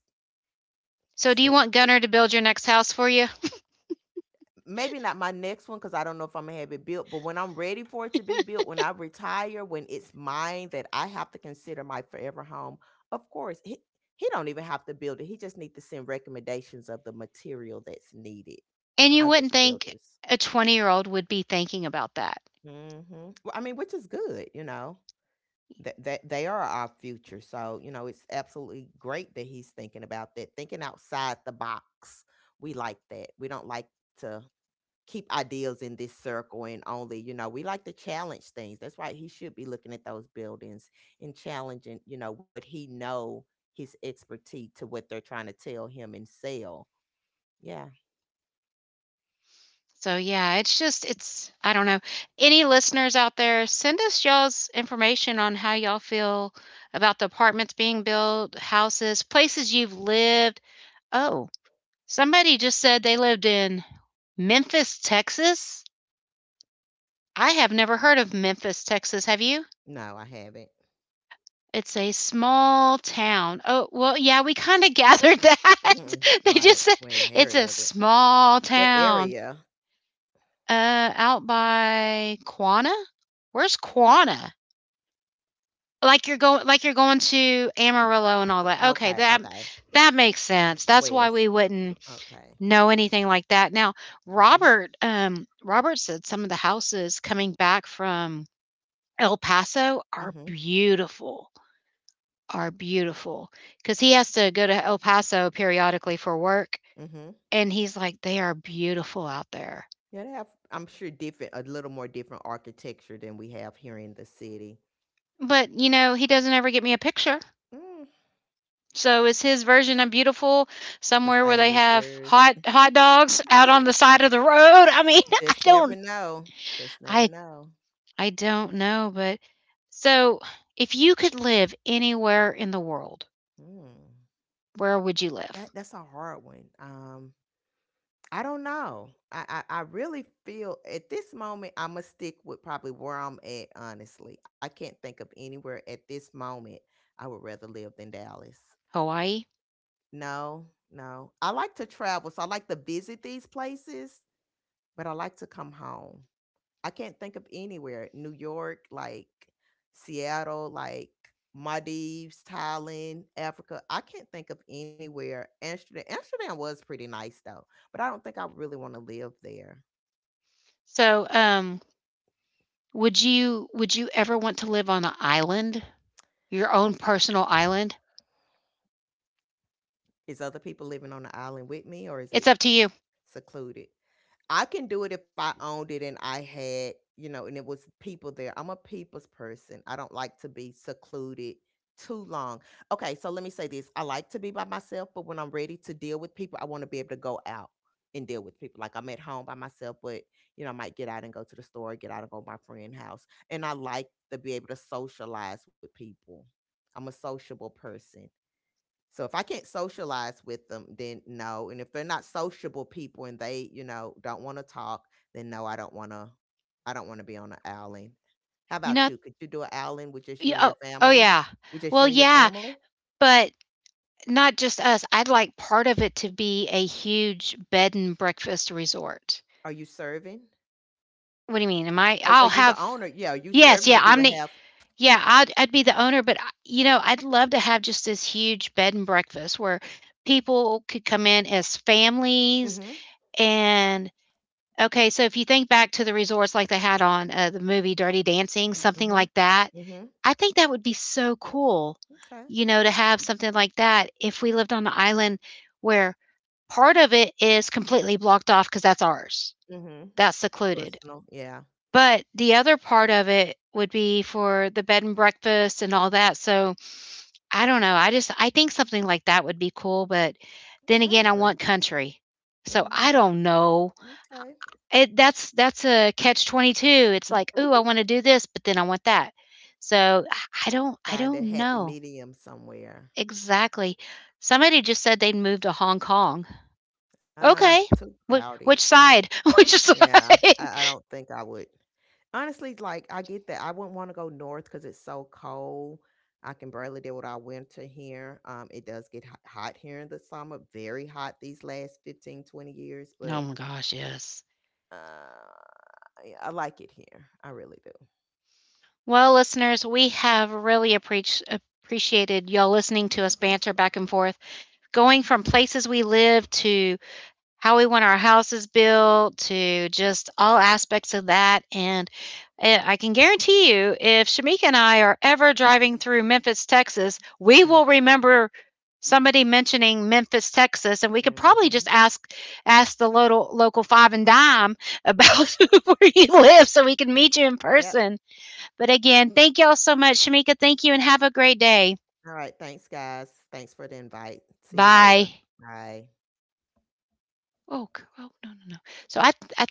Speaker 1: So,
Speaker 2: it's
Speaker 1: do you
Speaker 2: what
Speaker 1: want
Speaker 2: they.
Speaker 1: Gunner to build your next house for you?
Speaker 2: Maybe not my next one because I don't know if Imma have it built, but when I'm ready for it to be built, when I retire, when it's mine that I have to consider my forever home, of course, he don't even have to build it, he just need to send recommendations of the material that's needed.
Speaker 1: And you
Speaker 2: I'll get
Speaker 1: wouldn't
Speaker 2: the
Speaker 1: think
Speaker 2: builders.
Speaker 1: a 20-year-old would be thinking about that.
Speaker 2: Mhm. Well, I mean, which is good, you know? That they are our future. So, you know, it's absolutely great that he's thinking about that, thinking outside the box. We like that. We don't like to keep ideals in this circle and only, you know, we like to challenge things. That's why he should be looking at those buildings and challenging, you know, what he know, his expertise, to what they're trying to tell him and sell. Yeah.
Speaker 1: So, yeah, it's just it's I don't know. Any listeners out there, send us y'all's information on how y'all feel about the apartments being built, houses, places you've lived. Oh, somebody just said they lived in Memphis, Texas. I have never heard of Memphis, Texas. Have you?
Speaker 2: No, I haven't.
Speaker 1: It's a small town. Oh, well, yeah, we kind of gathered that.
Speaker 2: Mm-mm.
Speaker 1: They just
Speaker 2: Right.
Speaker 1: said
Speaker 2: We ain't
Speaker 1: it's
Speaker 2: heard
Speaker 1: a
Speaker 2: of it.
Speaker 1: small
Speaker 2: What
Speaker 1: town,
Speaker 2: area?
Speaker 1: out by Quanah. Where's Quanah? Like you're going to Amarillo and all that. Okay,
Speaker 2: Okay. Okay.
Speaker 1: that makes sense. That's why we
Speaker 2: West.
Speaker 1: wouldn't
Speaker 2: Okay.
Speaker 1: know anything like that. Now,
Speaker 2: Mm-hmm.
Speaker 1: Robert said some of the houses coming back from El Paso are
Speaker 2: Mhm.
Speaker 1: beautiful. Are beautiful because he has to go to El Paso periodically for work,
Speaker 2: Mhm.
Speaker 1: and he's like, they are beautiful out there.
Speaker 2: Yeah, they have. I'm sure different, a little more different architecture than we have here in the city.
Speaker 1: But you know, he doesn't ever get me a picture.
Speaker 2: Mm,
Speaker 1: So is his version of beautiful
Speaker 2: the
Speaker 1: somewhere where they
Speaker 2: same as
Speaker 1: have
Speaker 2: yours.
Speaker 1: hot hot dogs out on the side of the road? I mean, I
Speaker 2: Just never
Speaker 1: don't
Speaker 2: know. Just never
Speaker 1: I
Speaker 2: know.
Speaker 1: I don't know, but so, if you could live anywhere in the world,
Speaker 2: Mm.
Speaker 1: where would you live?
Speaker 2: That's a hard one. I don't know. I really feel at this moment I'm gonna stick with probably where I'm at. Honestly, I can't think of anywhere at this moment I would rather live than Dallas.
Speaker 1: Hawaii.
Speaker 2: No, no. I like to travel, so I like to visit these places, but I like to come home. I can't think of anywhere. New York, like Seattle, like Maldives, Thailand, Africa. I can't think of anywhere. Amsterdam. Amsterdam was pretty nice though, but I don't think I really want to live there.
Speaker 1: So, would you ever want to live on an island? Your own personal island?
Speaker 2: Is other people living on the island with me, or is
Speaker 1: It's
Speaker 2: it
Speaker 1: up to you.
Speaker 2: secluded? I can do it if I owned it and I had, you know, and it was people there. I'm a people's person. I don't like to be secluded too long. Okay, so let me say this. I like to be by myself, but when I'm ready to deal with people, I want to be able to go out and deal with people. Like, I'm at home by myself, but you know, I might get out and go to the store, get out and go to my friend's house. And I like to be able to socialize with people. I'm a sociable person. So if I can't socialize with them, then no. And if they're not sociable people and they, you know, don't want to talk, then no, I don't want to. I don't want to be on an outing. How
Speaker 1: You
Speaker 2: about
Speaker 1: know,
Speaker 2: you? Could you do an outing with just you and
Speaker 1: oh,
Speaker 2: your
Speaker 1: oh
Speaker 2: family?
Speaker 1: yeah.
Speaker 2: With just
Speaker 1: Well,
Speaker 2: you and your
Speaker 1: yeah,
Speaker 2: family?
Speaker 1: but not just us, I'd like part of it to be a huge bed and breakfast resort.
Speaker 2: Are you serving?
Speaker 1: What do you mean? Am I
Speaker 2: Are
Speaker 1: I'll
Speaker 2: you the
Speaker 1: have
Speaker 2: owner? Yeah, are you
Speaker 1: Yes,
Speaker 2: serving? Or
Speaker 1: yeah,
Speaker 2: you
Speaker 1: I'm
Speaker 2: would
Speaker 1: the
Speaker 2: have?
Speaker 1: yeah, I'd be the owner, but, I'd love to have just this huge bed and breakfast where people could come in as families
Speaker 2: Mm-hmm.
Speaker 1: and Okay, so if you think back to the resorts like they had on, the movie Dirty Dancing, something
Speaker 2: Mm-hmm.
Speaker 1: like that,
Speaker 2: Mm-hmm.
Speaker 1: I think that would be so cool,
Speaker 2: Okay.
Speaker 1: you know, to have something like that if we lived on an island where part of it is completely blocked off because that's ours.
Speaker 2: Mm-hmm.
Speaker 1: That's secluded.
Speaker 2: Personal. Yeah,
Speaker 1: But the other part of it would be for the bed and breakfast and all that. So I don't know. I think something like that would be cool, but then
Speaker 2: I
Speaker 1: again, I
Speaker 2: agree.
Speaker 1: want country. So I
Speaker 2: Mm-hmm.
Speaker 1: don't know.
Speaker 2: Okay.
Speaker 1: It that's a catch 22. It's like, "Ooh, I want to
Speaker 2: Mm-hmm.
Speaker 1: do this, but then I want that." So I
Speaker 2: Find a
Speaker 1: don't
Speaker 2: happy
Speaker 1: know
Speaker 2: medium somewhere.
Speaker 1: exactly. Somebody just said they'd moved to Hong Kong.
Speaker 2: Ah,
Speaker 1: Okay.
Speaker 2: too crowded.
Speaker 1: Which
Speaker 2: I don't.
Speaker 1: side? Which side?
Speaker 2: Yeah, I don't think I would. Honestly, like, I get that. I wouldn't wanna go north because it's so cold. I can barely deal with our winter here. It does get hot hot here in the summer, very hot these last 15, 20 years,
Speaker 1: Oh
Speaker 2: but,
Speaker 1: my gosh, yes.
Speaker 2: uh, yeah, I like it here. I really do.
Speaker 1: Well, listeners, we have really appreach appreciated y'all listening to us banter back and forth, going from places we live to how we want our houses built to just all aspects of that. And I can guarantee you, if Shamika and I are ever driving through Memphis, Texas, we
Speaker 2: Mm,
Speaker 1: will remember somebody mentioning Memphis, Texas, and we could probably just
Speaker 2: mhm.
Speaker 1: ask the local five and dime about where you live so we can meet you in
Speaker 2: Yep.
Speaker 1: person. But again, thank y'all so much, Shamika. Thank you, and have a great day.
Speaker 2: Alright, thanks, guys. Thanks for the invite. See you later.
Speaker 1: Bye.
Speaker 2: Bye.
Speaker 1: Oh, oh no, no, no. So I